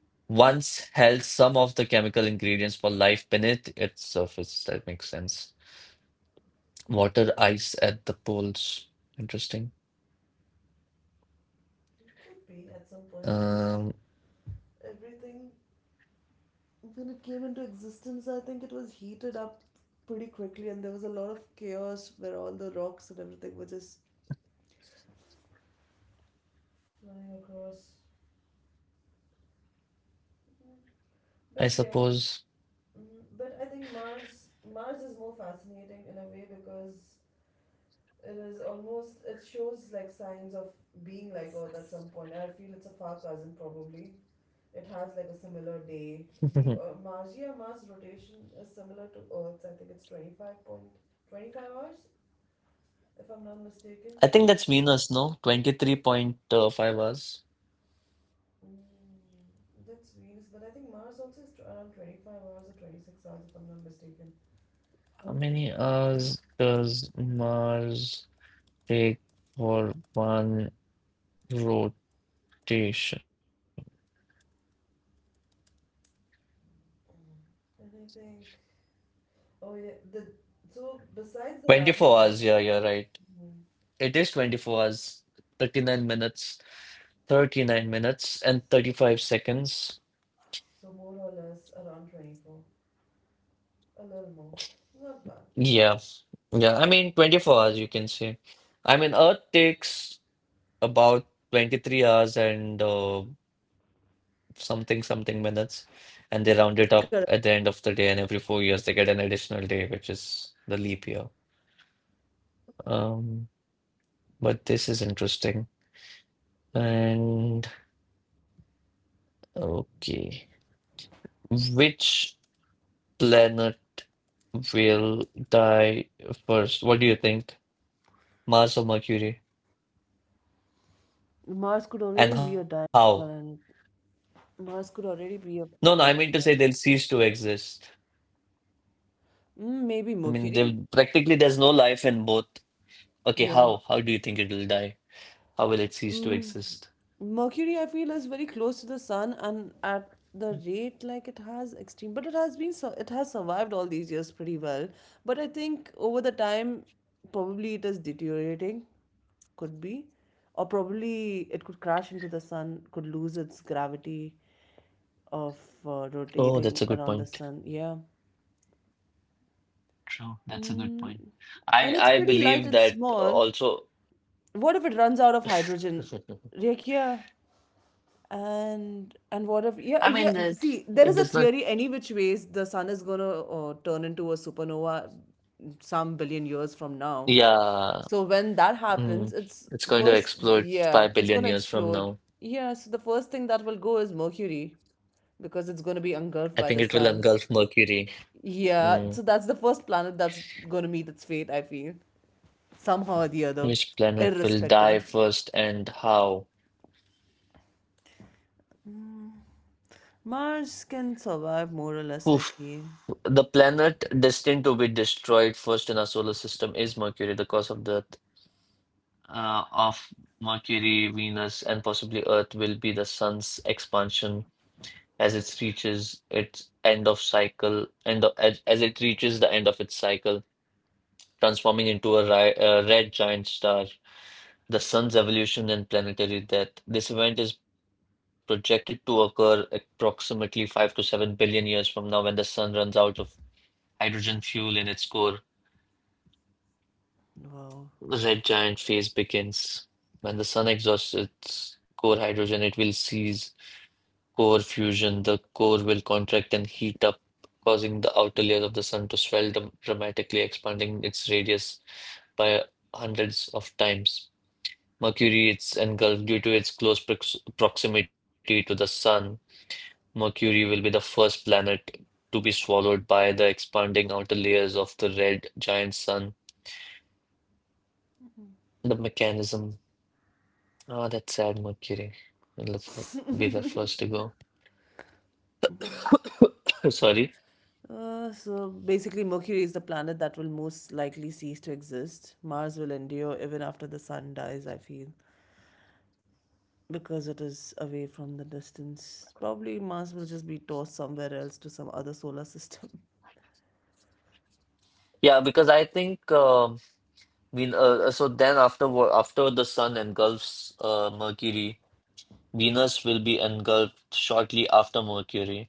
Speaker 1: once held some of the chemical ingredients for life beneath its surface. That makes sense. Water, ice at the poles. Interesting.
Speaker 2: it could be at some point
Speaker 1: Um,
Speaker 2: because everything when it came into existence, I think it was heated up pretty quickly, and there was a lot of chaos where all the rocks and everything were just flying across.
Speaker 1: I
Speaker 2: But yeah,
Speaker 1: suppose.
Speaker 2: mhm, but I think Mars Mars is more fascinating in a way because it is almost it shows like signs of being like Earth at some point. I feel it's a far cousin probably. It has like a similar day. We uh, Mars, yeah, Mars rotation is similar to Earth's. I think it's twenty five point twenty five hours if I'm not mistaken.
Speaker 1: I think that's Venus, no? twenty-three point five hours.
Speaker 2: Mm, that's Venus, but I think Mars also is tw- around twenty-five hours or twenty-six hours, if I'm not mistaken.
Speaker 1: How many
Speaker 2: Mm.
Speaker 1: hours does Mars take for one rotation?
Speaker 2: And I think, oh yeah, the so besides the largest
Speaker 1: twenty-four
Speaker 2: one,
Speaker 1: hours, yeah, you're right.
Speaker 2: mm,
Speaker 1: It is twenty-four hours, thirty-nine minutes, thirty-nine minutes, and thirty-five seconds.
Speaker 2: so more or less around twenty-four, a little more, not bad.
Speaker 1: Yeah, yeah, I mean twenty-four hours, you can say. I mean, Earth takes about twenty-three hours and uh, something, something minutes, and they round it up at
Speaker 2: Correct.
Speaker 1: the end of the day, and every four years they get an additional day, which is the leap year. Um, but this is interesting. And okay, which planet will die first? What do you think? Mars or Mercury?
Speaker 2: Mars could already
Speaker 1: And
Speaker 2: be a dying
Speaker 1: how?
Speaker 2: planet. Mars could already
Speaker 1: No,
Speaker 2: be
Speaker 1: no,
Speaker 2: a
Speaker 1: I mean to say
Speaker 2: dying
Speaker 1: they'll
Speaker 2: planet.
Speaker 1: cease to exist.
Speaker 2: Mm,
Speaker 1: I
Speaker 2: maybe
Speaker 1: mean, they
Speaker 2: Mercury.
Speaker 1: practically, there's no life in both. Okay,
Speaker 2: Yeah.
Speaker 1: how? How do you think it will die? How will it cease to
Speaker 2: Mm,
Speaker 1: exist?
Speaker 2: Mercury, I feel, is very close to the sun, and at the rate like it has extreme, but it has been su- it has survived all these years pretty well. But I think over the time, probably it is deteriorating, could be, or probably it could crash into the sun, could lose its gravity of uh,
Speaker 1: Oh, that's a good
Speaker 2: rotating
Speaker 1: point.
Speaker 2: around the sun. Yeah,
Speaker 1: True, that's a good
Speaker 2: mm,
Speaker 1: point. I
Speaker 2: and it's
Speaker 1: I
Speaker 2: pretty light
Speaker 1: believe
Speaker 2: and
Speaker 1: that uh,
Speaker 2: small.
Speaker 1: also.
Speaker 2: What if it runs out of hydrogen? Rekia. And and what
Speaker 1: I
Speaker 2: if
Speaker 1: mean
Speaker 2: yeah yeah
Speaker 1: that
Speaker 2: see
Speaker 1: it does
Speaker 2: there is
Speaker 1: not.
Speaker 2: a theory any which ways the sun is gonna uh, turn into a supernova some billion years from now.
Speaker 1: Yeah,
Speaker 2: So when that happens,
Speaker 1: mm,
Speaker 2: it's
Speaker 1: it's going to
Speaker 2: first
Speaker 1: explode
Speaker 2: yeah
Speaker 1: five
Speaker 2: it's
Speaker 1: billion
Speaker 2: gonna
Speaker 1: years from
Speaker 2: explode.
Speaker 1: now.
Speaker 2: Yeah, so the first thing that will go is Mercury because it's gonna be
Speaker 1: I
Speaker 2: engulfed
Speaker 1: think
Speaker 2: by
Speaker 1: it
Speaker 2: the
Speaker 1: will
Speaker 2: sun.
Speaker 1: engulf Mercury.
Speaker 2: Yeah,
Speaker 1: Mm.
Speaker 2: so that's the first planet that's gonna meet its fate. I feel somehow or the other,
Speaker 1: Which planet will
Speaker 2: irrespective.
Speaker 1: die first and how?
Speaker 2: Mars can survive more or less. I
Speaker 1: Oof.
Speaker 2: feel
Speaker 1: The planet destined to be destroyed first in our solar system is Mercury. The cause of death uh, of Mercury, Venus, and possibly Earth will be the sun's expansion as it reaches its end of cycle, end of, as, as it reaches the end of its cycle, transforming into a ri uh, red giant star. The sun's evolution and planetary death. This event is projected to occur approximately five to seven billion years from now when the sun runs out of hydrogen fuel in its core.
Speaker 2: wow.
Speaker 1: The red giant phase begins. When the sun exhausts its core hydrogen, it will cease core fusion. The core will contract and heat up, causing the outer layers of the sun to swell dram- dramatically, expanding its radius by hundreds of times. Mercury is engulfed due to its close prox proximity to the Sun. Mercury will be the first planet to be swallowed by the expanding outer layers of the red giant sun. The mechanism. Oh, that's sad, Mercury. It'll f- be the first to go. Sorry.
Speaker 2: Uh, so basically, Mercury is the planet that will most likely cease to exist. Mars will endure even after the sun dies, I feel, because it is away from the distance. Probably Mars will just be tossed somewhere else to some other solar system.
Speaker 1: Yeah, because I think, um Ven uh, uh, so then after wo- after the sun engulfs uh, Mercury, Venus will be engulfed shortly after Mercury.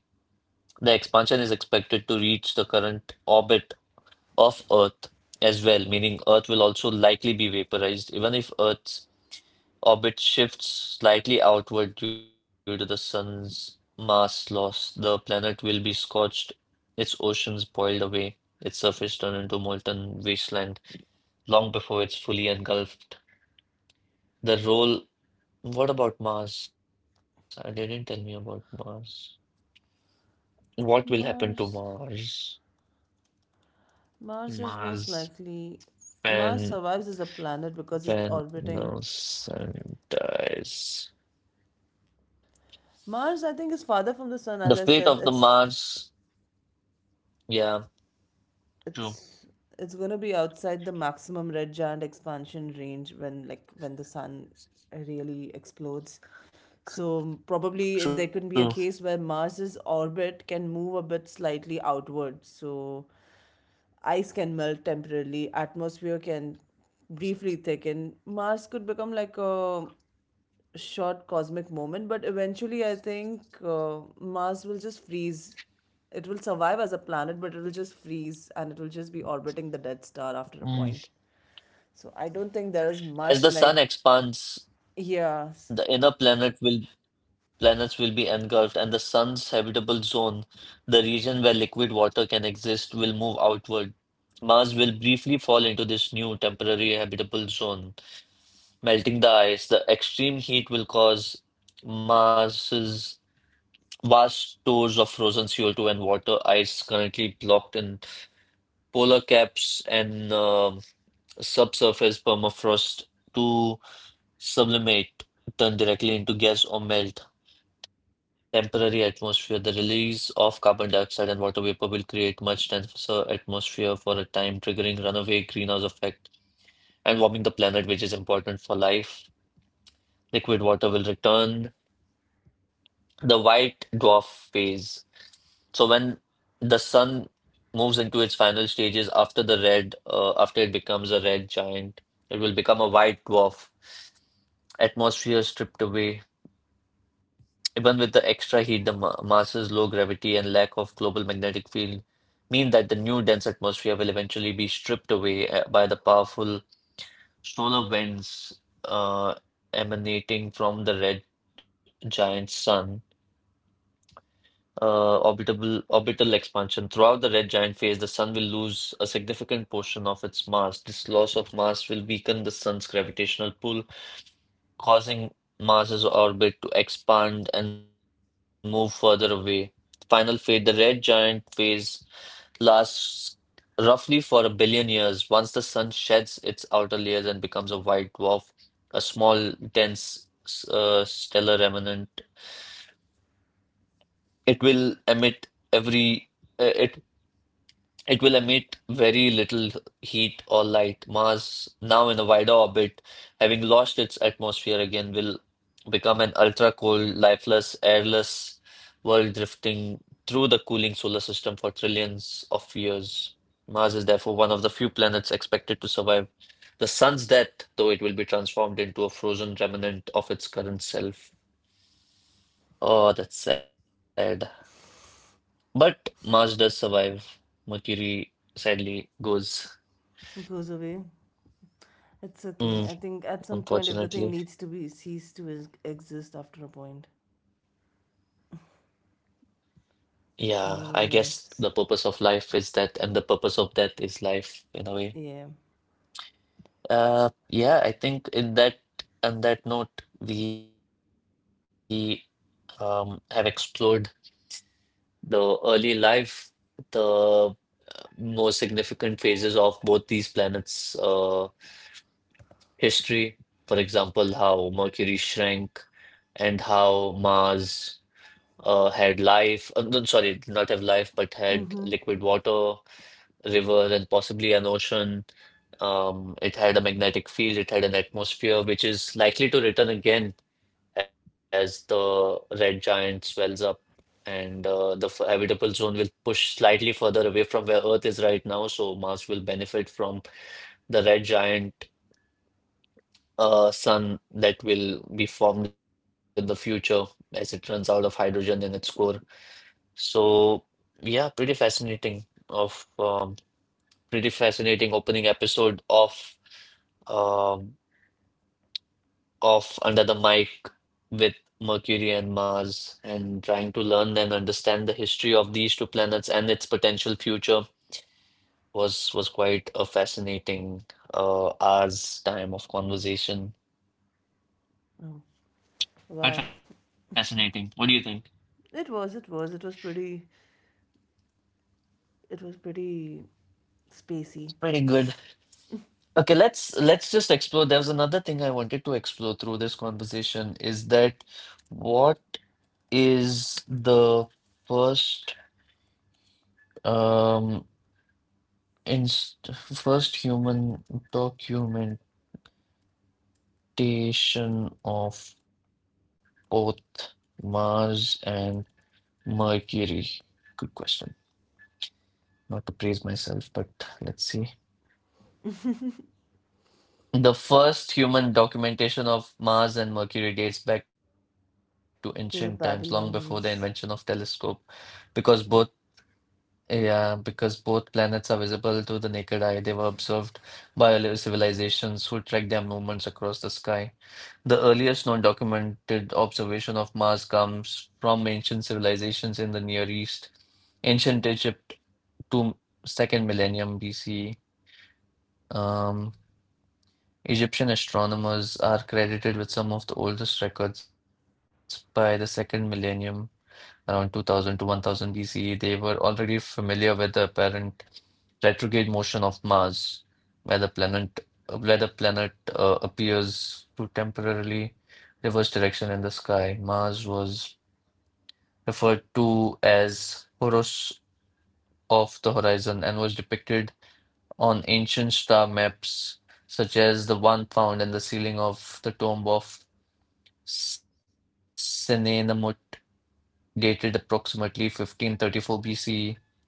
Speaker 1: The expansion is expected to reach the current orbit of Earth as well, meaning Earth will also likely be vaporized, even if Earth's orbit shifts slightly outward due to the sun's mass loss. The planet will be scorched, its oceans boiled away, its surface turned into molten wasteland long before it's fully engulfed. The role. What about Mars? I didn't tell me about Mars. What will happen to
Speaker 2: Mars.
Speaker 1: Mars?
Speaker 2: Mars is most
Speaker 1: Mars,
Speaker 2: likely. Mars
Speaker 1: when
Speaker 2: survives as a planet because it's
Speaker 1: when
Speaker 2: orbiting.
Speaker 1: the sun dies.
Speaker 2: Mars, I think, is farther from the sun.
Speaker 1: The
Speaker 2: As I
Speaker 1: fate
Speaker 2: said,
Speaker 1: of the
Speaker 2: it's
Speaker 1: Mars. Yeah, true,
Speaker 2: it's it's going to be outside the maximum red giant expansion range when like when the sun really explodes. So probably it- there
Speaker 1: true.
Speaker 2: could be a case where mars's orbit can move a bit slightly outward, so ice can melt temporarily, atmosphere can briefly thicken, mars could become like a short cosmic moment, but eventually I think uh, Mars will just freeze. It will survive as a planet, but it will just freeze and it will just be orbiting the Dead Star after a point.
Speaker 1: Mm.
Speaker 2: So I don't think there is
Speaker 1: As
Speaker 2: much
Speaker 1: the sun
Speaker 2: like,
Speaker 1: expands,
Speaker 2: yes,
Speaker 1: the inner planet will planets will be engulfed, and the sun's habitable zone, the region where liquid water can exist, will move outward. Mars will briefly fall into this new temporary habitable zone, melting the ice. The extreme heat will cause Mars's vast stores of frozen C O two and water ice currently blocked in polar caps and uh, subsurface permafrost to sublimate, turn directly into gas or melt. Temporary atmosphere. The release of carbon dioxide and water vapor will create much denser atmosphere for a time, triggering runaway greenhouse effect and warming the planet, which is important for life. Liquid water will return. The white dwarf phase. So when the sun moves into its final stages after the red, uh, after it becomes a red giant, it will become a white dwarf. Atmosphere stripped away. Even with the extra heat, the Ma- Mars's low gravity and lack of global magnetic field mean that the new dense atmosphere will eventually be stripped away uh, by the powerful solar winds uh, emanating from the red giant sun. Uh, orbital orbital expansion. Throughout the red giant phase, the sun will lose a significant portion of its mass. This loss of mass will weaken the sun's gravitational pull, causing Mars's orbit to expand and move further away. Final fate. The red giant phase lasts roughly for a billion years. Once the sun sheds its outer layers and becomes a white dwarf, a small, dense uh, stellar remnant, it will emit every. Uh, It It will emit very little heat or light. Mars, now in a wider orbit, having lost its atmosphere again, will become an ultra-cold, lifeless, airless world drifting through the cooling solar system for trillions of years. Mars is therefore one of the few planets expected to survive the sun's death, though it will be transformed into a frozen remnant of its current self. Oh, that's sad. But Mars does survive. Mercury sadly goes.
Speaker 2: it goes away. It's okay.
Speaker 1: Mm.
Speaker 2: I think at some point everything
Speaker 1: Unfortunately,
Speaker 2: needs to be ceased to is- exist after a point,
Speaker 1: yeah, I
Speaker 2: more
Speaker 1: guess
Speaker 2: or
Speaker 1: the purpose
Speaker 2: less.
Speaker 1: of life is death, and the purpose of death is life in a way.
Speaker 2: Yeah.
Speaker 1: Uh, yeah, I think in that on that note, we um, have explored the early life, the more significant phases of both these planets' uh, history. For example, how Mercury shrank and how Mars uh, had life. Uh, no, sorry, did not have life, but had liquid water river and possibly an ocean. Um, it had a magnetic field, it had an atmosphere, which is likely to return again as the red giant swells up and uh, the f- habitable zone will push slightly further away from where Earth is right now. So Mars will benefit from the red giant uh, sun that will be formed in the future as it runs out of hydrogen in its core. So, yeah, pretty fascinating of um, pretty fascinating opening episode of um, off Under the Mic with Mercury and Mars, and trying to learn and understand the history of these two planets and its potential future was was quite a fascinating uh hours time of conversation.
Speaker 2: Oh, wow.
Speaker 1: Quite fascinating. What do you think?
Speaker 2: It was, it was, it was pretty, it was pretty spacey.
Speaker 1: Pretty good. Okay, let's let's just explore. There was another thing I wanted to explore through this conversation is that what is the first um inst first human documentation of both Mars and Mercury. Good question. Not to praise myself, but let's see. The first human documentation of Mars and Mercury dates back to ancient times, long before
Speaker 2: To
Speaker 1: the
Speaker 2: the
Speaker 1: invention of telescope,
Speaker 2: Babylonians.
Speaker 1: because both yeah, because both planets are visible to the naked eye. They were observed by earlier civilizations who tracked their movements across the sky. The earliest known documented observation of Mars comes from ancient civilizations in the Near East, ancient Egypt to second millennium B C. Um, Egyptian astronomers are credited with some of the oldest records by the second millennium around two thousand to one thousand B C E. They were already familiar with the apparent retrograde motion of Mars, where the planet where the planet uh, appears to temporarily reverse direction in the sky. Mars was referred to as Horus of the horizon and was depicted on ancient star maps such as the one found in the ceiling of the tomb of Senenmut, dated approximately fifteen thirty-four B C E.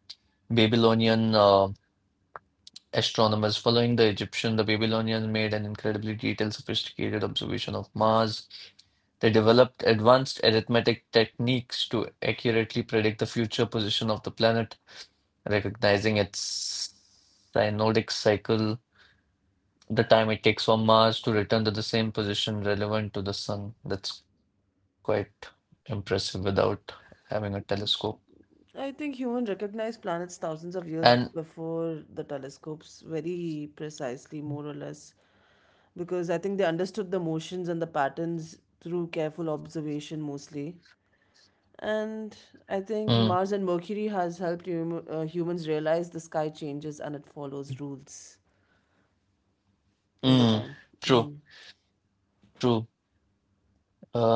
Speaker 1: Babylonian uh, astronomers. Following the Egyptian, the Babylonians made an incredibly detailed, sophisticated observation of Mars. They developed advanced arithmetic techniques to accurately predict the future position of the planet, recognizing its synodic cycle, the time it takes for Mars to return to the same position relevant to the Sun. That's quite impressive without having a telescope.
Speaker 2: I think humans recognized planets thousands of years
Speaker 1: And,
Speaker 2: before the telescopes, very precisely, more or less, because I think they understood the motions and the patterns through careful observation mostly. And I think
Speaker 1: mm,
Speaker 2: Mars and Mercury has helped hum- uh, humans realize the sky changes and it follows rules over
Speaker 1: mm,
Speaker 2: time.
Speaker 1: true, true.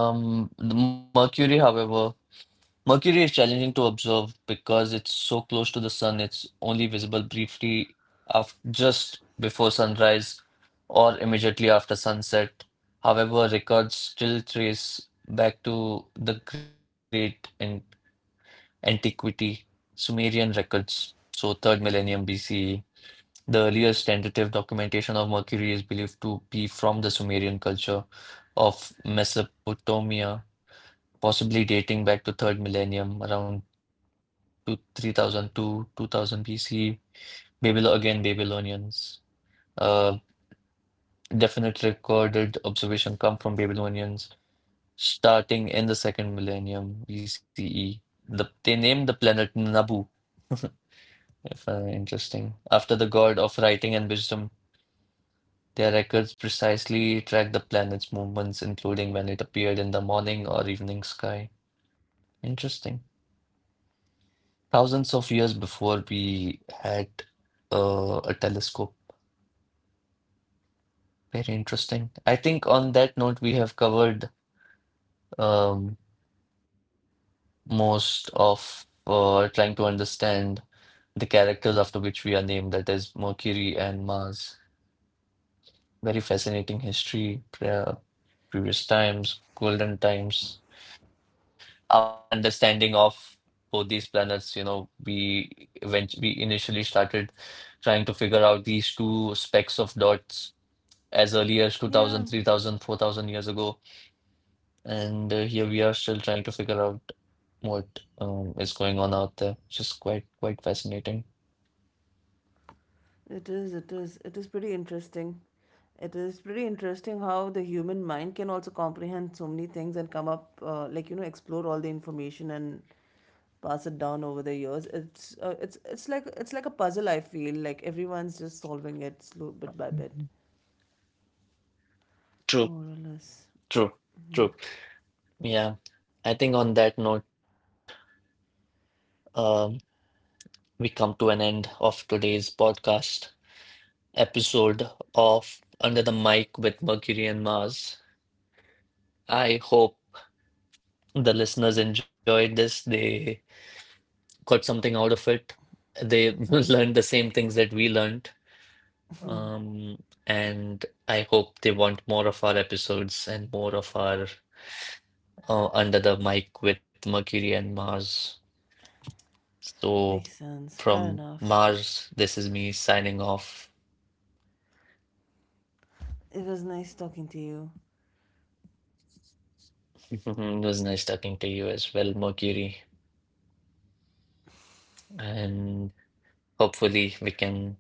Speaker 1: Um, the Mercury, however, Mercury is challenging to observe because it's so close to the sun. It's only visible briefly after, just before sunrise or immediately after sunset. However, records still trace back to the great and antiquity Sumerian records, so third millennium B C E. The earliest tentative documentation of Mercury is believed to be from the Sumerian culture of Mesopotamia, possibly dating back to third millennium, around two, three thousand two, two thousand B C. Babylon again, Babylonians. Uh, Definite recorded observation come from Babylonians starting in the second millennium B C E. The, they named the planet Nabu, if uh, interesting, after the god of writing and wisdom. Their records precisely track the planet's movements, including when it appeared in the morning or evening sky. Interesting. Thousands of years before we had uh, a telescope. Very interesting. I think on that note, we have covered um, most of uh, trying to understand the characters after which we are named, that is Mercury and Mars. Very fascinating history, pre- previous times, golden times. Our understanding of both these planets, you know, we when we initially started trying to figure out these two specks of dots as early as two
Speaker 2: Yeah.
Speaker 1: thousand, three thousand, four thousand years ago. And uh, here we are still trying to figure out what um, is going on out there. It's just quite, quite fascinating.
Speaker 2: It is, it is, it is pretty interesting. It is pretty interesting how the human mind can also comprehend so many things and come up, uh, like you know, explore all the information and pass it down over the years. It's uh, it's it's like it's like a puzzle. I feel like everyone's just solving it slow bit by bit,
Speaker 1: True,
Speaker 2: more or less.
Speaker 1: true, true. Yeah. I think on that note, um, we come to an end of today's podcast episode of Under the Mic with Mercury and Mars. I hope the listeners enjoyed this. They got something out of it. They learned the same things that we learned. Um, and I hope they want more of our episodes and more of our uh, Under the Mic with Mercury and Mars. So
Speaker 2: Makes sense. Fair
Speaker 1: from
Speaker 2: enough.
Speaker 1: Mars, this is me signing off.
Speaker 2: It was nice talking to you.
Speaker 1: It was nice talking to you as well, Mercury. And hopefully we can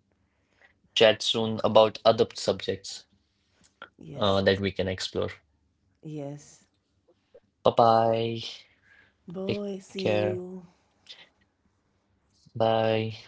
Speaker 1: chat soon about other subjects uh,
Speaker 2: Yes,
Speaker 1: that we can explore.
Speaker 2: yes.
Speaker 1: Bye bye. Take
Speaker 2: Boy, see
Speaker 1: care.
Speaker 2: you.
Speaker 1: Bye.